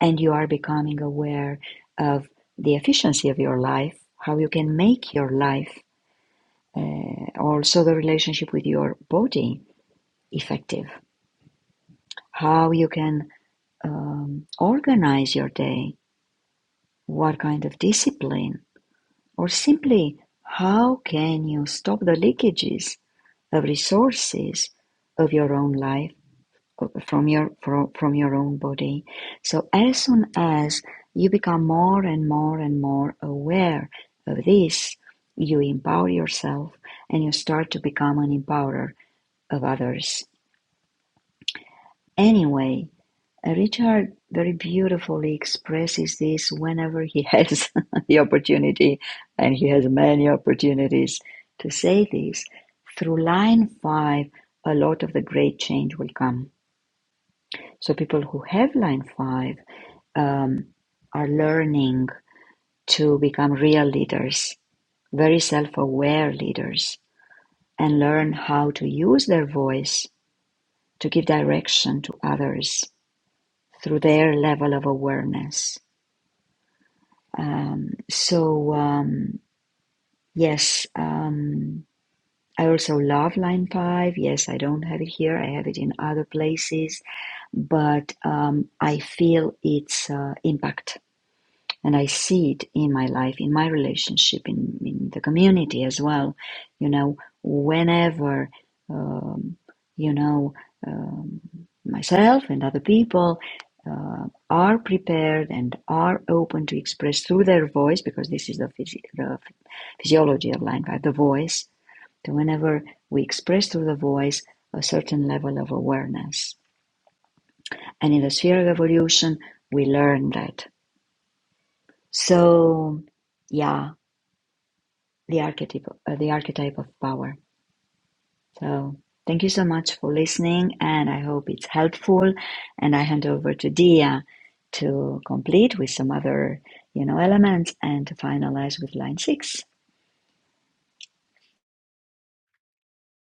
B: and you are becoming aware of the efficiency of your life, how you can make your life uh, also the relationship with your body effective how you can um, organize your day what kind of discipline or simply how can you stop the leakages of resources of your own life uh, from your from, from your own body so as soon as you become more and more and more aware of this you empower yourself and you start to become an empowerer of others Anyway, Richard very beautifully expresses this whenever he has *laughs* the opportunity, and he has many opportunities to say this. Through line five, a lot of the great change will come. So, people who have line five um, are learning to become real leaders, very self aware leaders, and learn how to use their voice to give direction to others through their level of awareness Um, so um, yes, um, I also love line five. Yes, I don't have it here. I have it in other places, but um, I feel its uh, impact and I see it in my life, in my relationship, in, in the community as well. You know, whenever, um, you know, um, myself and other people uh, are prepared and are open to express through their voice, because this is the, physi- the physiology of language, the voice. So whenever we express through the voice a certain level of awareness, and in the sphere of evolution, we learn that. So, yeah, the archetype uh, the archetype of power. So thank you so much for listening, and I hope it's helpful. And I hand over to Dia to complete with some other you know elements and to finalize with line six.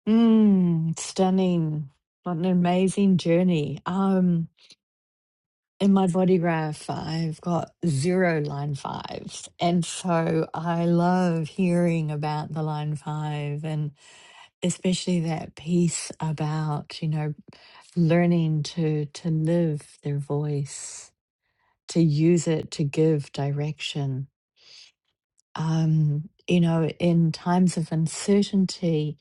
A: Mm, stunning. What an amazing journey. Um, in my body graph, I've got zero line fives. And so I love hearing about the line five and especially that piece about, you know, learning to to live their voice, to use it to give direction. Um, you know, in times of uncertainty,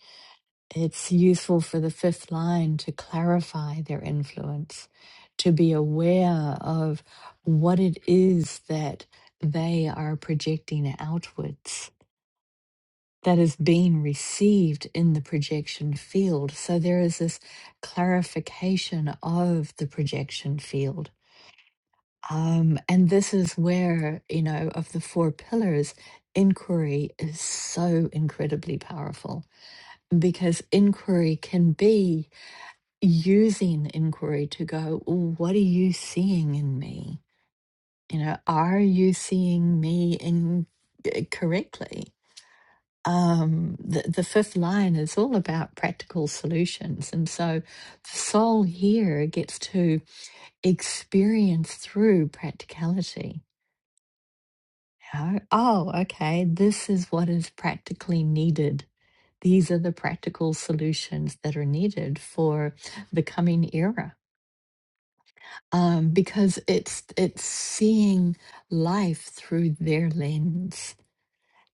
A: it's useful for the fifth line to clarify their influence, to be aware of what it is that they are projecting outwards that is being received in the projection field. So there is this clarification of the projection field. Um, and this is where, you know, of the four pillars, inquiry is so incredibly powerful because inquiry can be using inquiry to go, "Ooh, what are you seeing in me? You know, are you seeing me in uh, correctly? Um, the, the fifth line is all about practical solutions. And so the soul here gets to experience through practicality. You know, oh, okay, this is what is practically needed. These are the practical solutions that are needed for the coming era um, because it's it's seeing life through their lens,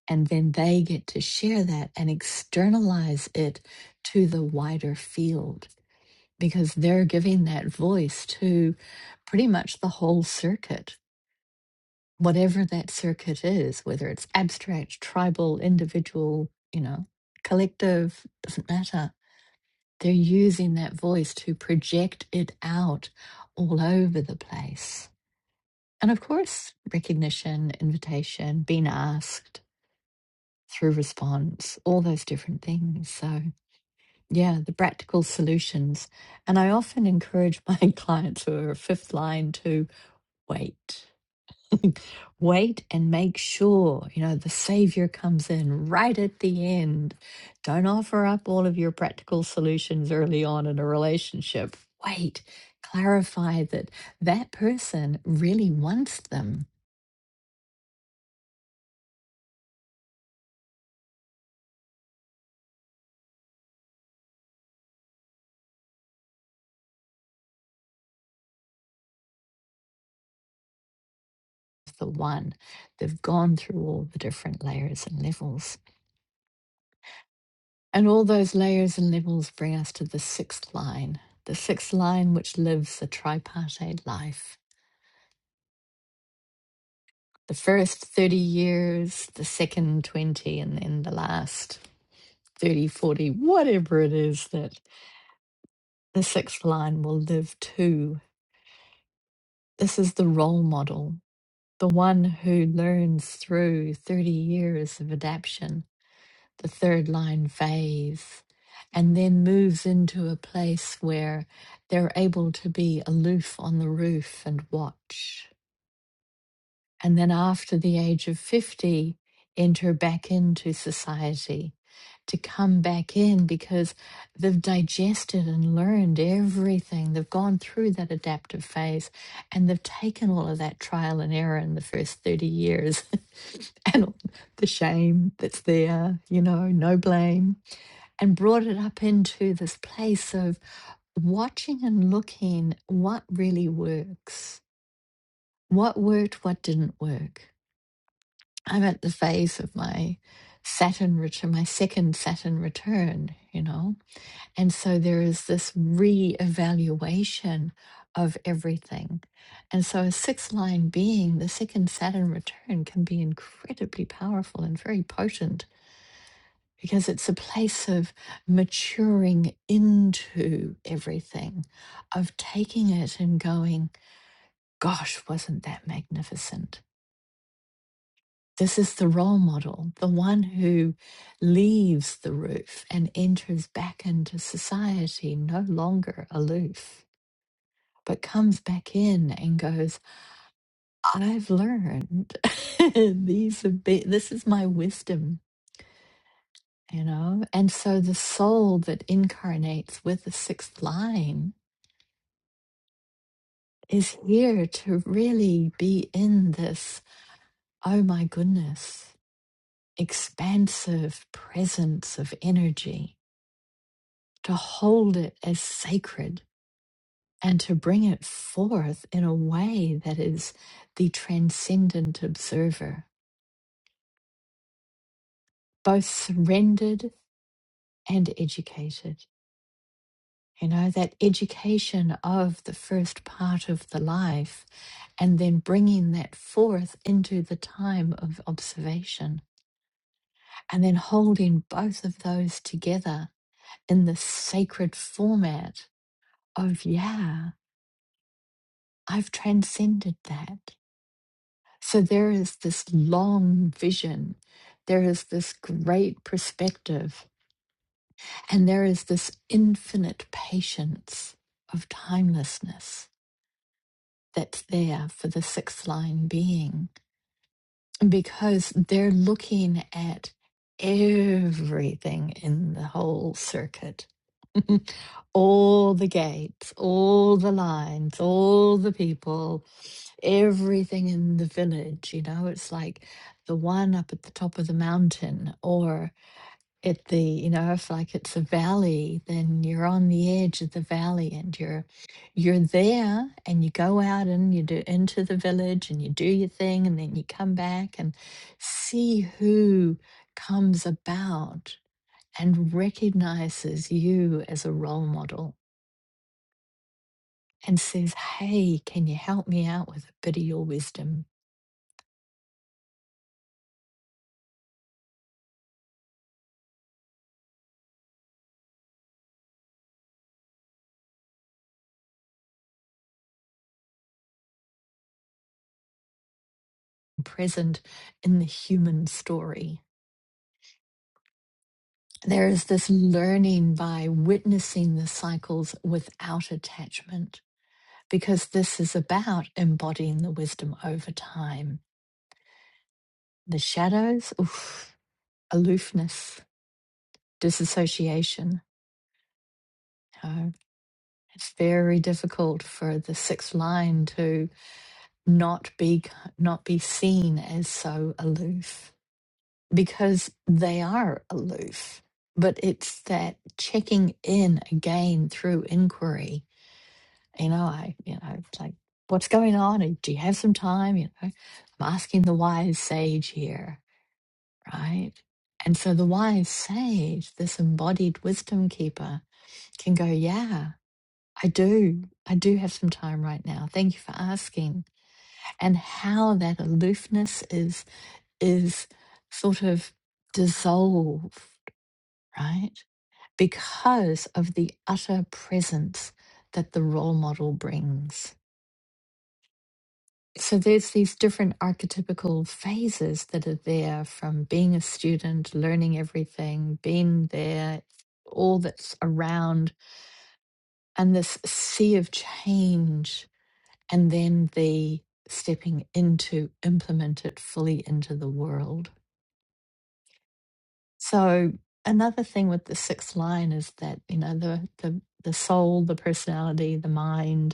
A: and then they get to share that and externalize it to the wider field because they're giving that voice to pretty much the whole circuit, whatever that circuit is, whether it's abstract, tribal, individual, you know, collective, doesn't matter. They're using that voice to project it out all over the place. And of course, recognition, invitation, being asked through response, all those different things. So, yeah, the practical solutions. And I often encourage my *laughs* clients who are fifth line to wait, *laughs* wait and make sure, you know, the savior comes in right at the end. Don't offer up all of your practical solutions early on in a relationship. Wait, clarify that that person really wants them the one. They've gone through all the different layers and levels. And all those layers and levels bring us to the sixth line, the sixth line which lives the tripartite life. The first 30 years, the second 20, and then the last 30, 40, whatever it is that the sixth line will live to. This is the role model, the one who learns through 30 years of adaptation. the third line phase, and then moves into a place where they're able to be aloof on the roof and watch. And then after the age of 50, enter back into society to come back in because they've digested and learned everything. They've gone through that adaptive phase and they've taken all of that trial and error in the first 30 years *laughs* and all the shame that's there, you know, no blame and brought it up into this place of watching and looking what really works, what worked, what didn't work. I'm at the phase of my Saturn return, my second Saturn return, you know? And so there is this re evaluation of everything. And so a sixth line being, the second Saturn return can be incredibly powerful and very potent because it's a place of maturing into everything, of taking it and going, gosh, wasn't that magnificent? This is the role model, the one who leaves the roof and enters back into society, no longer aloof, but comes back in and goes, I've learned. *laughs* These have been, this is my wisdom, you know? And so the soul that incarnates with the sixth line is here to really be in this, oh my goodness, expansive presence of energy, to hold it as sacred and to bring it forth in a way that is the transcendent observer, both surrendered and educated. You know, that education of the first part of the life and then bringing that forth into the time of observation and then holding both of those together in the sacred format of, yeah, I've transcended that. So there is this long vision, there is this great perspective, and there is this infinite patience of timelessness that's there for the sixth line being. because they're looking at everything in the whole circuit *laughs* all the gates, all the lines, all the people, everything in the village. You know, it's like the one up at the top of the mountain, or at the you know if like it's a valley then you're on the edge of the valley and you're you're there and you go out and you do into the village and you do your thing and then you come back and see who comes about and recognizes you as a role model and says hey can you help me out with a bit of your wisdom present in the human story There's this learning by witnessing the cycles without attachment, because this is about embodying the wisdom over time. The shadows, oof, aloofness, disassociation. uh, it's very difficult for the sixth line to not be not be seen as so aloof because they are aloof. But it's that checking in again through inquiry You know, I, you know, it's like, what's going on? Do you have some time? You know, I'm asking the wise sage here, right? And so the wise sage, this embodied wisdom keeper, can go, yeah, I do. I do have some time right now. Thank you for asking. And how that aloofness is is sort of dissolved, right? Because of the utter presence that the role model brings so there's these different archetypical phases that are there from being a student learning everything being there all that's around and this sea of change and then the stepping into implement it fully into the world so another thing with the sixth line is that you know the the, the soul the personality the mind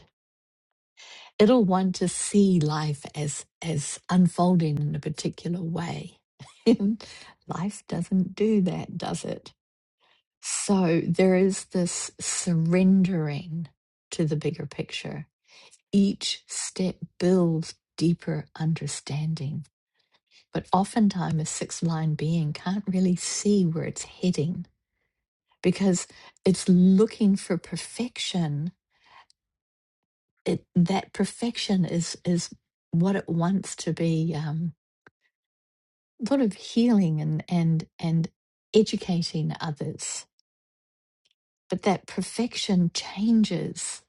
A: it'll want to see life as as unfolding in a particular way *laughs* and life doesn't do that does it so there is this surrendering to the bigger picture each step builds deeper understanding but oftentimes a sixth line being can't really see where it's heading because it's looking for perfection it that perfection is is what it wants to be um, A lot of healing and and and educating others but that perfection changes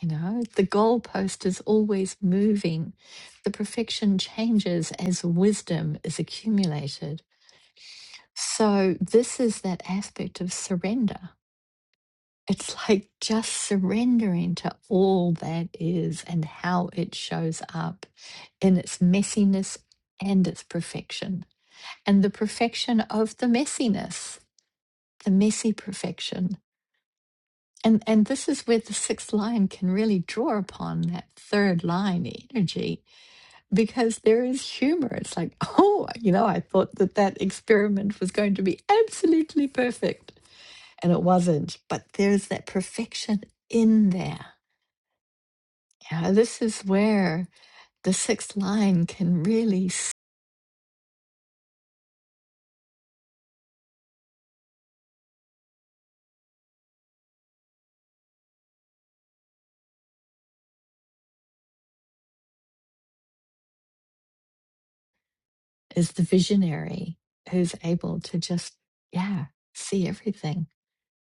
A: you know the goalpost is always moving the perfection changes as wisdom is accumulated so this is that aspect of surrender it's like just surrendering to all that is and how it shows up in its messiness and its perfection and the perfection of the messiness the messy perfection. And and this is where the sixth line can really draw upon that third line energy because there is humor. It's like, *laughs* oh, you know, I thought that that experiment was going to be absolutely perfect, and it wasn't. But there's that perfection in there. Yeah, this is where the sixth line can really s- is the visionary who's able to just yeah see everything.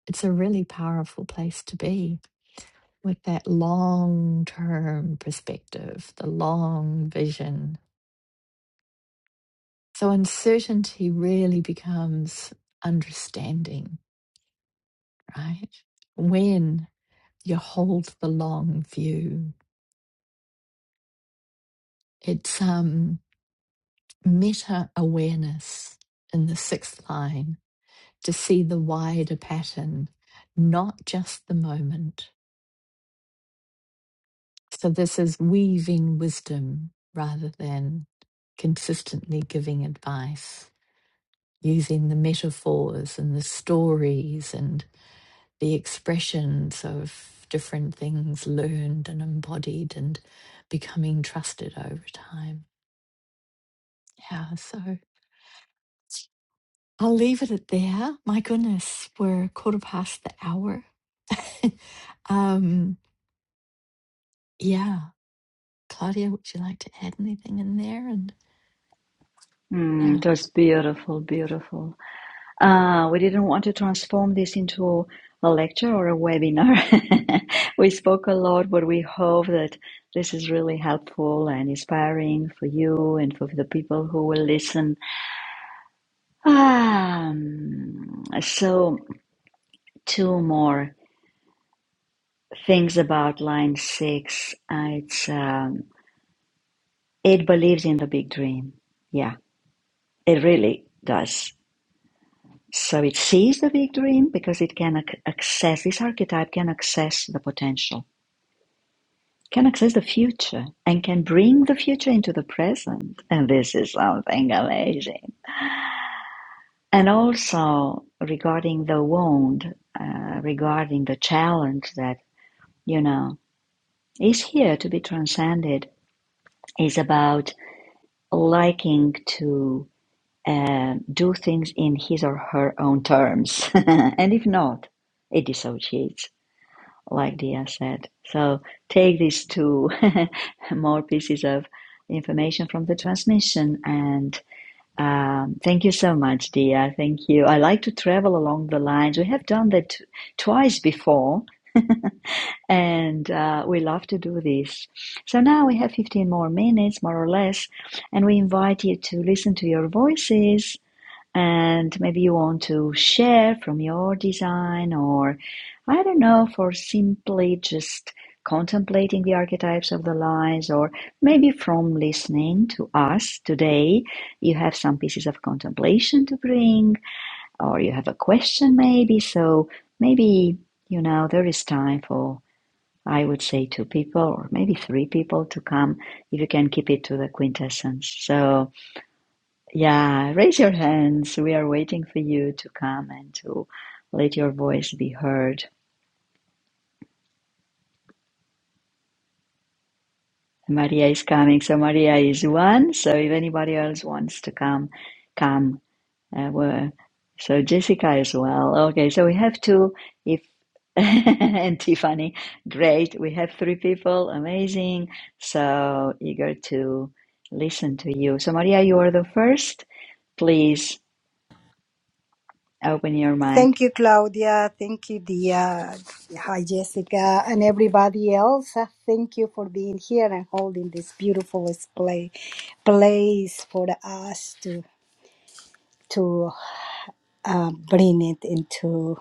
A: It's a really powerful place to be. with that long term perspective, the long vision. So uncertainty really becomes understanding, right? When you hold the long view, it's um, meta awareness in the sixth line to see the wider pattern, not just the moment. So this is weaving wisdom rather than consistently giving advice. using the metaphors and the stories and the expressions of different things learned and embodied and becoming trusted over time. Yeah, so I'll leave it at there. My goodness, we're a quarter past the hour. *laughs* um, yeah, Claudia, would you like to add anything in there? And
B: Mm,
A: yeah.
B: it was beautiful, beautiful. Uh, we didn't want to transform this into a lecture or a webinar. *laughs* we spoke a lot, but we hope that this is really helpful and inspiring for you and for the people who will listen Um, so two more things about line six. Uh, It's um, it believes in the big dream. Yeah, it really does. So it sees the big dream because it can ac- access this archetype can access the potential, can access the future, and can bring the future into the present. And this is something amazing. And also regarding the wound, uh, regarding the challenge that you know. is here to be transcended is about liking to uh, do things in his or her own terms. *laughs* and if not, it dissociates, like Dia said. So take these two *laughs* more pieces of information from the transmission. And um, thank you so much, Dia. Thank you. I like to travel along the lines. We have done that t- twice before and uh, we love to do this. So now we have 15 more minutes, more or less, and we invite you to listen to your voices. And maybe you want to share from your design, or I don't know, for simply just contemplating the archetypes of the lines, or maybe from listening to us today, you have some pieces of contemplation to bring, or you have a question, maybe. So maybe, you know, there is time for I would say two people or maybe three people to come if you can keep it to the quintessence. So, yeah, raise your hands. We are waiting for you to come and to let your voice be heard. Maria is coming. So, Maria is one. So, if anybody else wants to come, come. Uh, were so Jessica as well. Okay, so we have two. If *laughs* and Tiffany, great. We have three people. Amazing. So eager to listen to you. So Maria, you are the first. Please open your mic.
C: Thank you, Claudia. Thank you, Dia. Hi, Jessica, and everybody else. Uh, Thank you for being here and holding this beautiful display, place for us to to uh, bring it into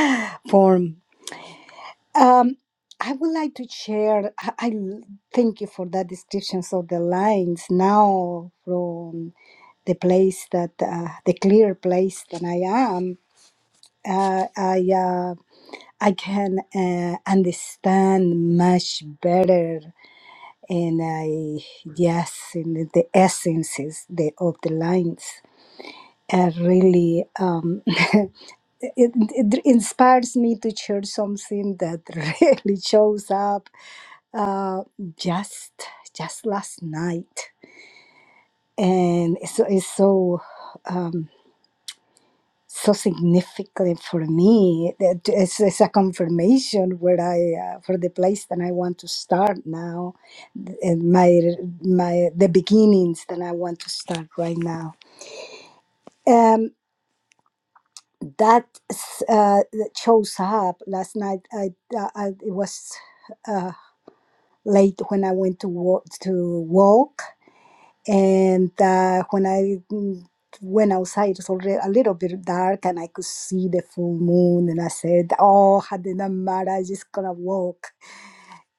C: *laughs* form. Um, I would like to share. I I thank you for that descriptions of the lines now from the place that uh, the clear place that I am. uh, I uh, I can uh, understand much better, and I yes, in the essences the, of the lines. Uh, really, um, *laughs* it, it inspires me to share something that *laughs* really shows up uh, just just last night, and so it's so. Um, so significant for me. That It's, it's a confirmation where I uh, for the place that I want to start now, and my my the beginnings that I want to start right now. Um, that uh, that shows up last night. I, I, I it was uh, late when I went to walk to walk. and uh, when I mm, went outside, it was already a little bit dark, and I could see the full moon. And I said, "Oh, it doesn't I'm just gonna walk."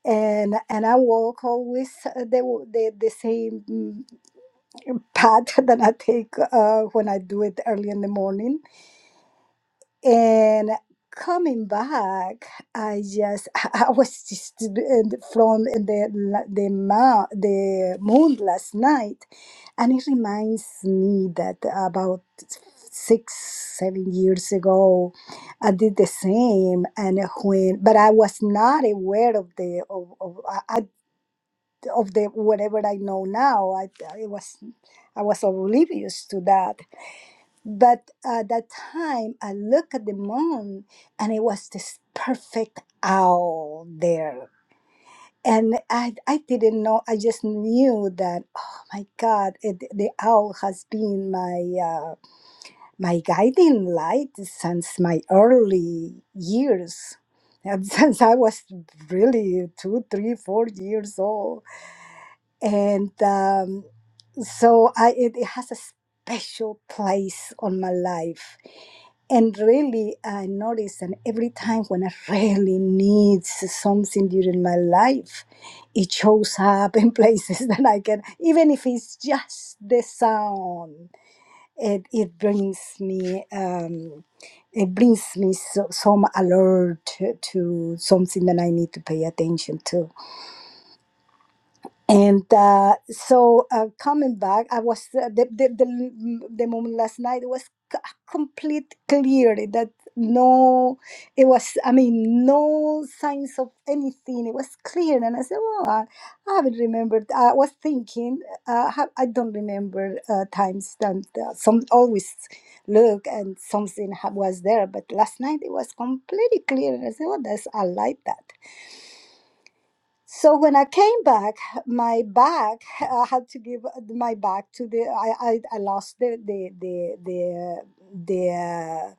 C: And and I walk always uh, the the, the same mm, path *laughs* that I take uh, when I do it early in the morning and coming back, I just *laughs* I was just in- from the la- the ma- the moon last night, and it reminds me that about six seven years ago, I did the same, and when but I was not aware of the of of, I, I- of the whatever I know now. I I was I was oblivious to that but at that time, I looked at the moon and it was this perfect owl there. And I, I didn't know, I just knew that, oh my God, it, the owl has been my, uh, my guiding light since my early years. And *laughs* since I was really two, three, four years old and um, so I it, it has a special place on my life. And really, I notice, that every time when I really need something during my life, it shows up in places *laughs* that I can, even if it's just the sound, it, it brings me, um, it brings me so, some alert to something that I need to pay attention to and uh, so uh, coming back, I was uh, the, the the the moment last night it was c- complete clear that no, it was I mean no signs of anything. It was clear, and I said, "Well, I, I haven't remembered." I was thinking, uh, ha- I don't remember uh, times that uh, some always look and something ha- was there, but last night it was completely clear, and I said, "Well, that's I like that." So when I came back, my bag I had to give my bag to the I I, I lost the the the the the, uh,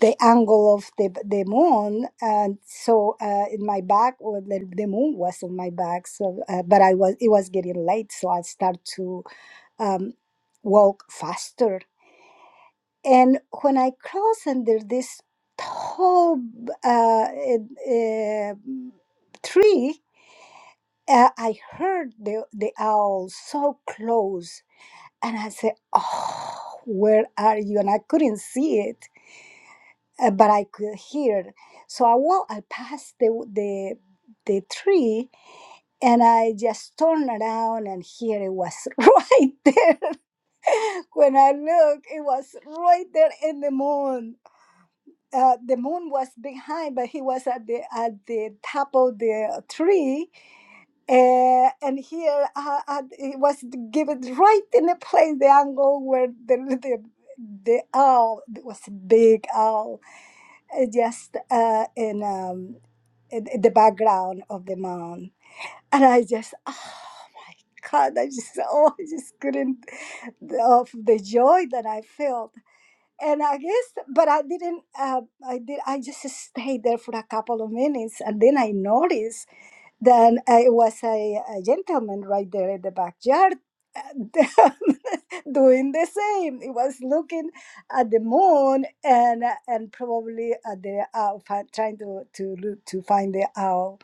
C: the angle of the the moon, and so uh, in my back well, the, the moon was in my back So, uh, but I was it was getting late, so I start to um, walk faster. And when I cross under this tall uh, uh, tree, Uh, I heard the, the owl so close, and I said, Oh, where are you? And I couldn't see it, uh, but I could hear. So I walked, I passed the, the, the tree, and I just turned around, and here it was *laughs* right there. when I looked, it was right there in the moon. Uh, the moon was behind, but he was at the, at the top of the tree Uh, and here I, I, it was given right in the place, the angle where the the, the owl it was a big owl, uh, just uh, in, um, in in the background of the mound. And I just, oh my God, I just, oh, I just couldn't of the joy that I felt. And I guess, but I didn't. Uh, I did. I just stayed there for a couple of minutes, and then I noticed. Then I was a, a gentleman right there in the backyard *laughs* doing the same. He was looking at the moon and and probably at the owl, fi- trying to to look, to find the owl.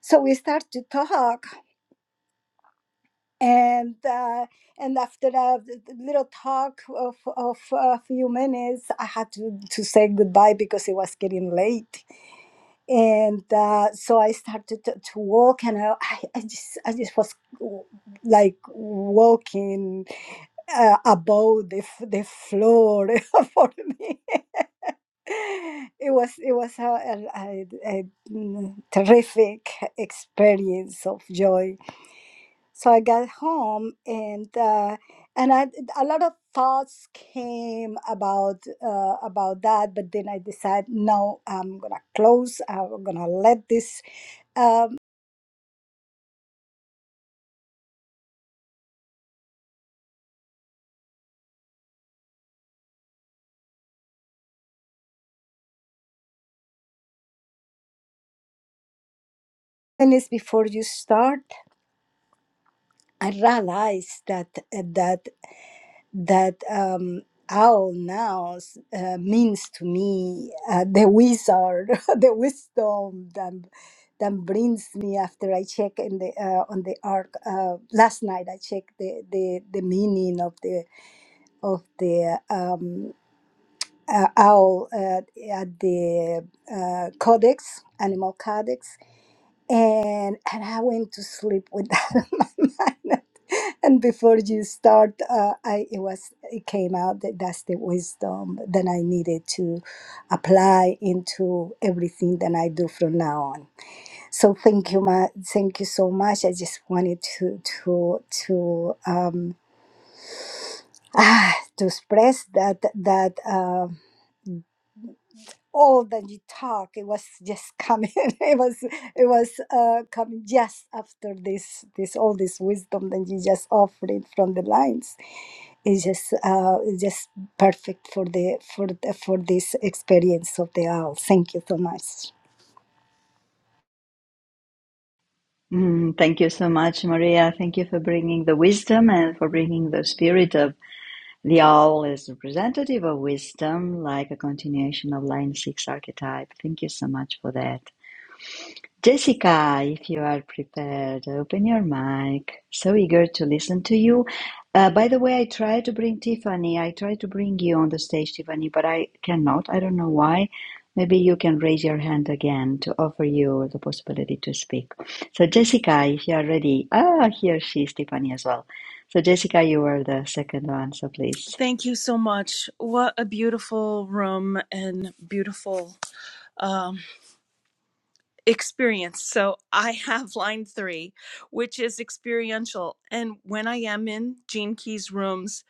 C: So we start to talk, and uh, and after a little talk of, of a few minutes i had to, to say goodbye because it was getting late and uh, so i started to, to walk and I, I I just i just was w- like walking uh, above the, f- the floor *laughs* for me it was it was a, a, a, a mm, terrific experience of joy so I got home and uh, and I a lot of thoughts came about uh, about that, but then I decided no, I'm gonna close. I'm gonna let this um, minutes before you start. I realized that uh, that that um, owl now s- uh, means to me uh, the wizard, *laughs* the wisdom that, that brings me after I check in the uh, on the arc. Uh, last night I checked the, the, the meaning of the of the um, uh, owl uh, at the uh, codex, animal codex, and and I went to sleep with *laughs* that in my mind. And before you start, uh, I it was it came out that that's the wisdom that I needed to apply into everything that I do from now on. So thank you, ma- thank you so much. I just wanted to to to um, *sighs* ah, to express that that. um. all the talk it was just coming *laughs* it was it was uh, coming just after this this all this wisdom that you just offered it from the lines is just uh it's just perfect for the for the, for this experience of the owl thank you so much
B: Mm, thank you so much, Maria. Thank you for bringing the wisdom and for bringing the spirit of the owl as representative of wisdom, like a continuation of line six archetype. Thank you so much for that. Jessica, if you are prepared, open your mic. So eager to listen to you. Uh, by the way, I tried to bring Tiffany. I tried to bring you on the stage, Tiffany, but I cannot. I don't know why. Maybe you can raise your hand again to offer you the possibility to speak. So, Jessica, if you are ready, ah, here she is, Tiffany as well. So, Jessica, you were the second one, so please.
D: Thank you so much. What a beautiful room and beautiful um, experience. So, I have line three, which is experiential. And when I am in Gene Key's rooms,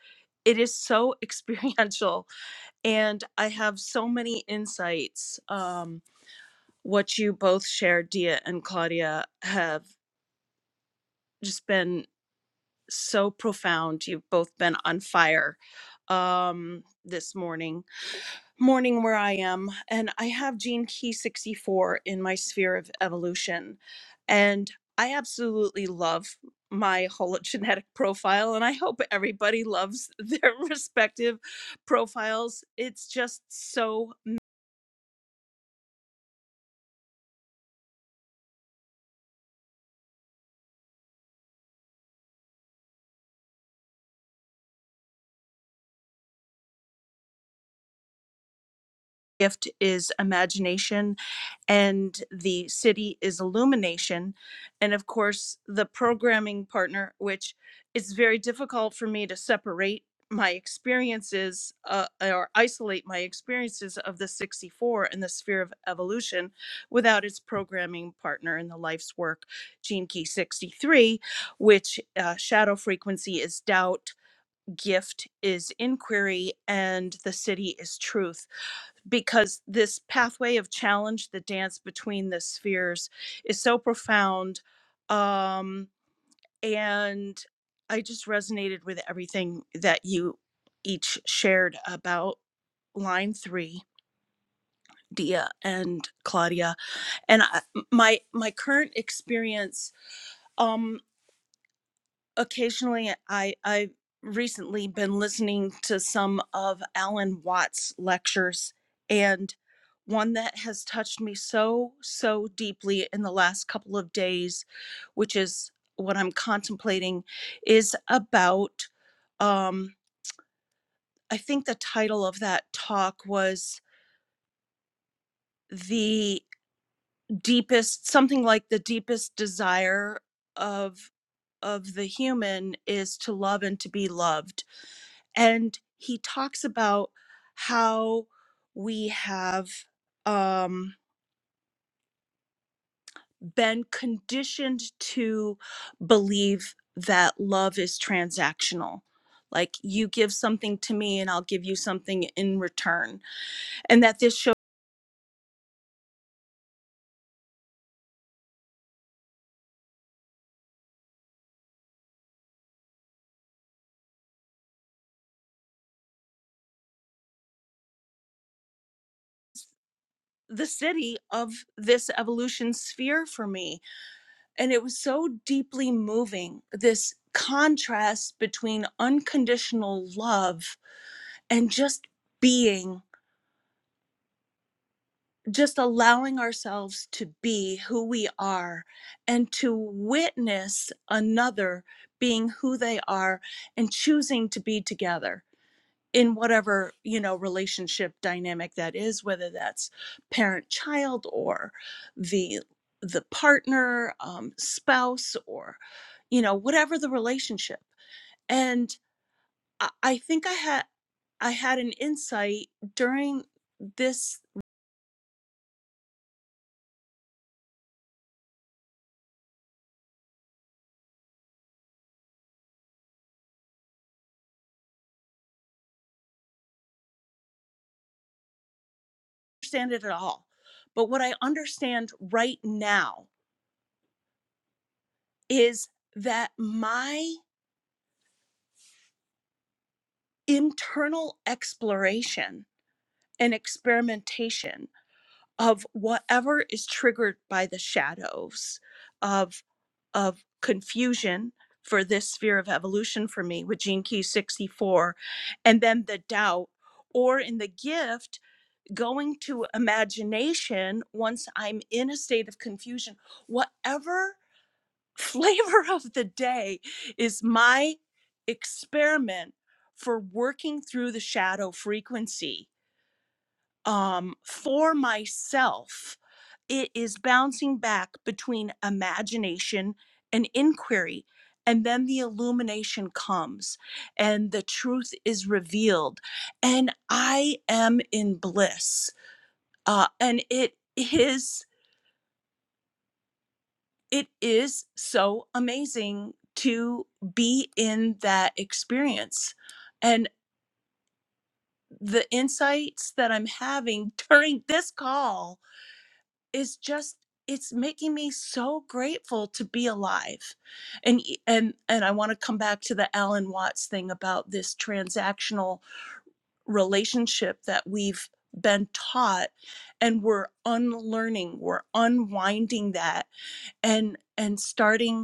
D: it is so *laughs* experiential. And I have so many insights. Um, what you both shared, Dia and Claudia, have just been so profound. You've both been on fire um, this morning morning where I am, and I have gene key 64 in my sphere of evolution. And I absolutely love my hologenetic *laughs* profile, and I hope everybody loves their *laughs* respective profiles. It's just so gift is imagination and the city is illumination and of course the programming partner which it's very difficult for me to separate my experiences uh, or isolate my experiences of the 64 and the sphere of evolution without its programming partner in the life's work gene key 63 which uh, shadow frequency is doubt gift is inquiry and the city is truth because this pathway of challenge, the dance between the spheres, is so profound. Um, and I just resonated with everything that you each shared about line three, Dia and Claudia. And I, my my current experience. Um, occasionally I I've recently been listening to some of Alan Watts lectures and one that has touched me so so deeply in the last couple of days which is what I'm contemplating is about um I think the title of that talk was the deepest something like the deepest desire of of the human is to love and to be loved and he talks about how we have um, been conditioned to believe that love is transactional. Like you give something to me and I'll give you something in return. And that this shows the city of this evolution sphere for me. And it was so deeply moving this contrast between unconditional love and just being just allowing ourselves to be who we are and to witness another being who they are and choosing to be together in whatever you know relationship dynamic that is whether that's parent child or the the partner um, spouse or you know whatever the relationship and i, I think i had i had an insight during this understand it at all. But what I understand right now is that my internal exploration and experimentation of whatever is triggered by the shadows of of confusion for this sphere of evolution for me with gene key 64 and then the doubt or in the gift going to imagination once i'm in a state of confusion whatever flavor of the day is my experiment for working through the shadow frequency um, for myself. It is bouncing back between imagination and inquiry. And then the illumination comes and the truth is revealed. And I am in bliss. Uh, and it is it is so amazing to be in that experience. And the insights that I'm having *laughs* during this call is just it's making me so grateful to be alive. And e, and and I want to come back to the Alan Watts thing about this transactional relationship that we've been taught and we're unlearning, we're unwinding that and and starting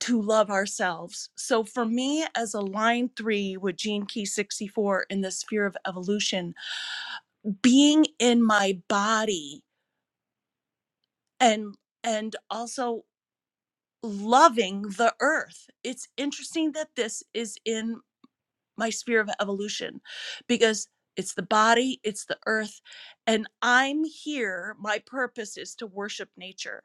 D: to love ourselves. So for me, as a line three with Gene Key 64 in the sphere of evolution, being in my body and and also loving the earth. It's interesting that this is in my sphere of evolution because it's the body, it's the earth, and I'm here. My purpose is to worship nature.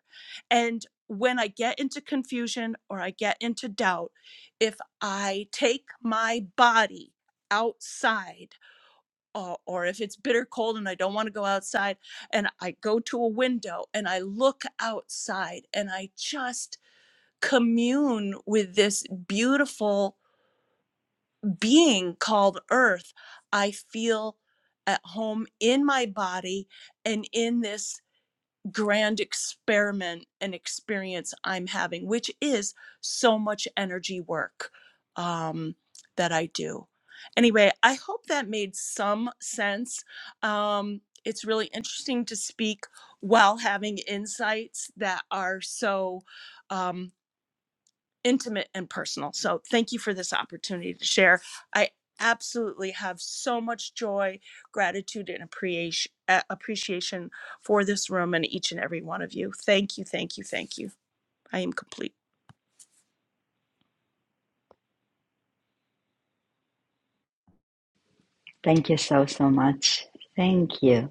D: And when I get into confusion or I get into doubt, if I take my body outside, or, or if it's bitter cold and I don't want to go outside, and I go to a window and I look outside and I just commune with this beautiful being called earth, I feel at home in my body and in this grand experiment and experience I'm having, which is so much energy work um, that I do. Anyway, I hope that made some sense. Um, it's really interesting to speak while having insights that are so. um, intimate and personal. So thank you for this opportunity to share. I absolutely have so much joy, gratitude, and appreciation appreciation for this room and each and every one of you. Thank you, thank you, thank you. I am complete.
B: Thank you so, so much. Thank you.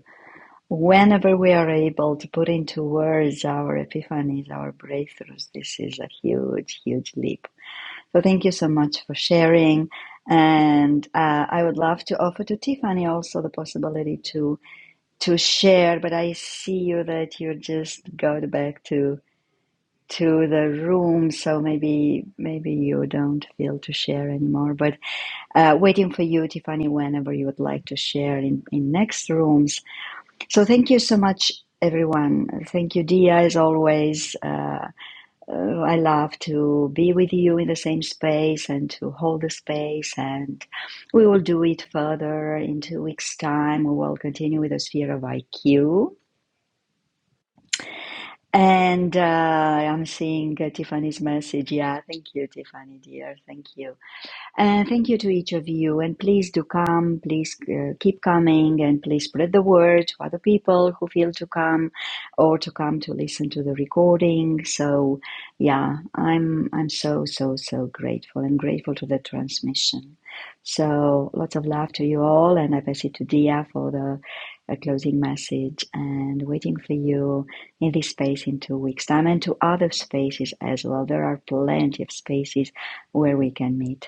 B: Whenever we are able to put into words our epiphanies, our breakthroughs, this is a huge, huge leap. So thank you so much for sharing. And uh, I would love to offer to Tiffany also the possibility to to share, but I see you that you just go back to to the room, so maybe maybe you don't feel to share anymore. But uh, waiting for you, Tiffany, whenever you would like to share in, in next rooms so thank you so much, everyone. Thank you, Dia, as always. Uh, uh, I love to be with you in the same space and to hold the space. And we will do it further in two weeks' time. We will continue with the sphere of IQ. And uh, I'm seeing uh, Tiffany's message. Yeah, thank you, Tiffany, dear. Thank you. And thank you to each of you. And please do come. Please uh, keep coming. And please spread the word to other people who feel to come or to come to listen to the recording. So, yeah, I'm, I'm so, so, so grateful. I'm grateful to the transmission. So, lots of love to you all. And I pass it to Dia for the uh, closing message and waiting for you in this space in two weeks' time and to other spaces as well. There are plenty of spaces where we can meet.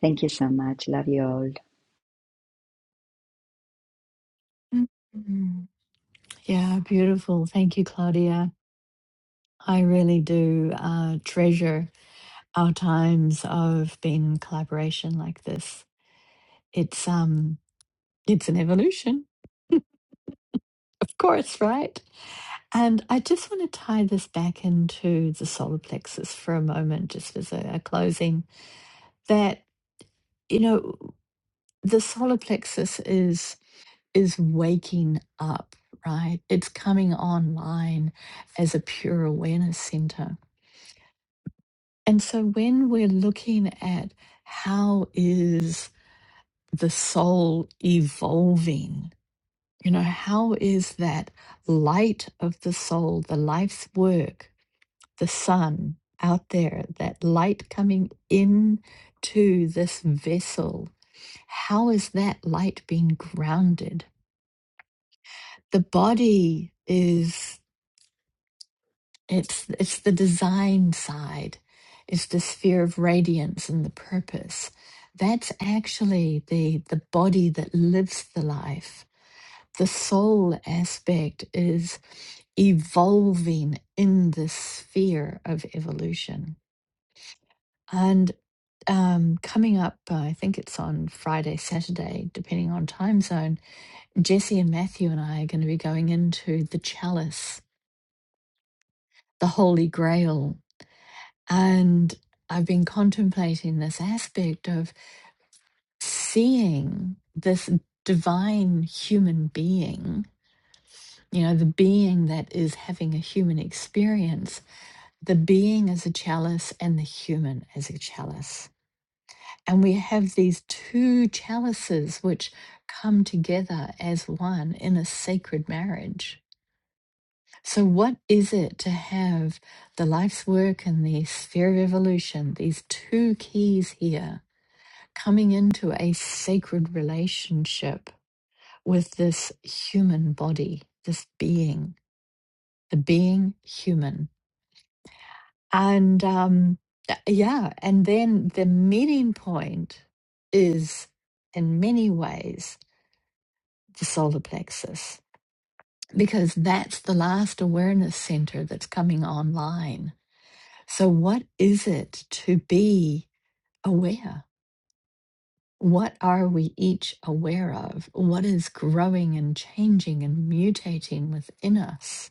B: Thank you so much. Love you all.
A: Mm. Yeah, beautiful. Thank you, Claudia. I really do uh, treasure our times of being in collaboration like this. It's um it's an evolution, *laughs* of course, right? And I just want to tie this back into the solar plexus for a moment, just as a, a closing, that you know, the solar plexus is is waking up, right? It's coming online as a pure awareness center. And so when we're looking at how is the soul evolving You know, how is that light of the soul, the life's work, the sun out there, that light coming in to this vessel, how is that light being grounded? The body is it's it's the design side. It's the sphere of radiance and the purpose. That's actually the the body that lives the life the soul aspect is evolving in this sphere of evolution. And um, coming up, uh, I think it's on Friday, Saturday, depending on time zone, Jesse and Matthew and I are going to be going into the chalice, the Holy Grail. And I've been contemplating this aspect of seeing this divine human being, you know, the being that is having a human experience the being as a chalice and the human as a chalice. And we have these two chalices which come together as one in a sacred marriage. So, what is it to have the life's work and the sphere of evolution, these two keys here, coming into a sacred relationship with this human body, this being, the being human? And um, uh, yeah, and then the meeting point is in many ways the solar plexus, because that's the last awareness center that's coming online. So, what is it to be aware? What are we each aware of? What is growing and changing and mutating within us?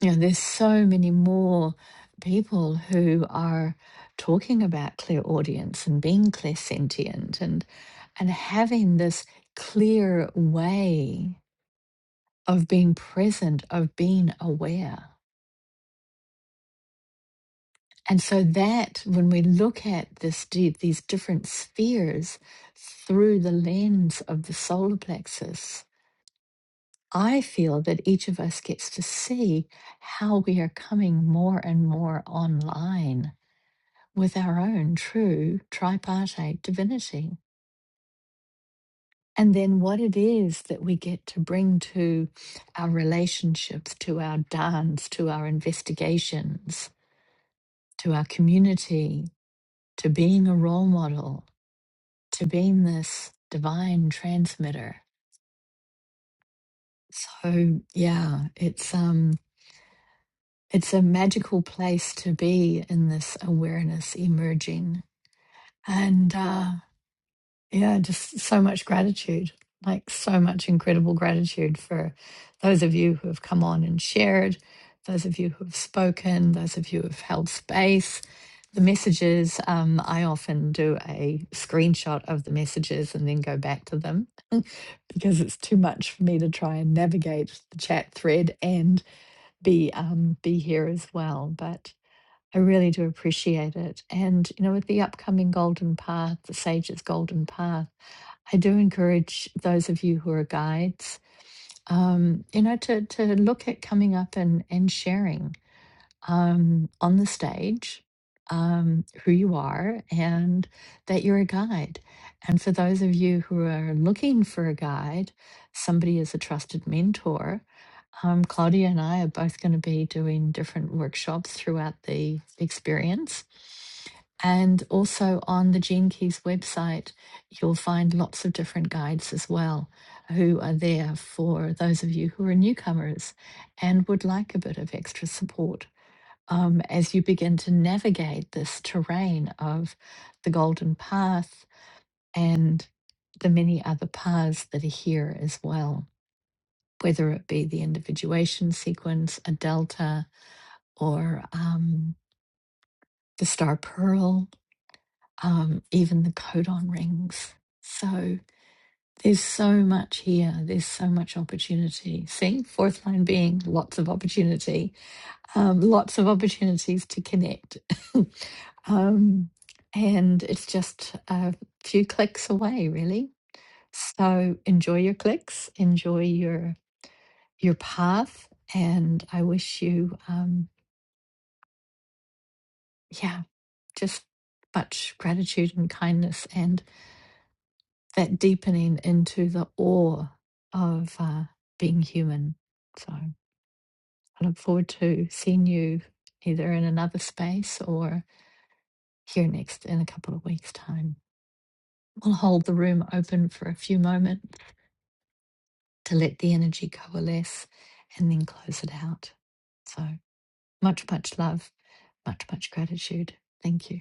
A: you know, there's so many more people who are talking about clear audience and being clairsentient and and having this clear way of being present, of being aware. And so that when we look at this di- these different spheres through the lens of the solar plexus, I feel that each of us gets to see how we are coming more and more online with our own true tripartite divinity. And then what it is that we get to bring to our relationships, to our dance, to our investigations, to our community, to being a role model, to being this divine transmitter. So yeah, it's um it's a magical place to be in this awareness emerging. And uh yeah, just so much gratitude, like so much incredible gratitude for those of you who have come on and shared, those of you who have spoken, those of you who have held space. The messages, um, I often do a screenshot of the messages and then go back to them because it's too much for me to try and navigate the chat thread and be um, be here as well. But. I really do appreciate it. And, you know, with the upcoming Golden Path, the Sage's Golden Path, I do encourage those of you who are guides, um, you know, to, to look at coming up and, and sharing um, on the stage um, who you are and that you're a guide. And for those of you who are looking for a guide, somebody is a trusted mentor. Um, Claudia and I are both going to be doing different workshops throughout the experience. And also on the Gene Keys website, you'll find lots of different guides as well who are there for those of you who are newcomers and would like a bit of extra support um, as you begin to navigate this terrain of the Golden Path and the many other paths that are here as well, whether it be the individuation sequence, a delta, or um, the star pearl, um, even the codon rings. So there's so much here. There's so much opportunity. See, fourth line being lots of opportunity um, lots of opportunities to connect. *laughs* um, and it's just a few clicks away, really. So enjoy your clicks, enjoy your your path, and I wish you, um, yeah, just much gratitude and kindness, and that deepening into the awe of uh, being human. So I look forward to seeing you either in another space or. here next in a couple of weeks' time. We'll hold the room open for a few moments to let the energy coalesce and then close it out. So much, much love, much, much gratitude. Thank you.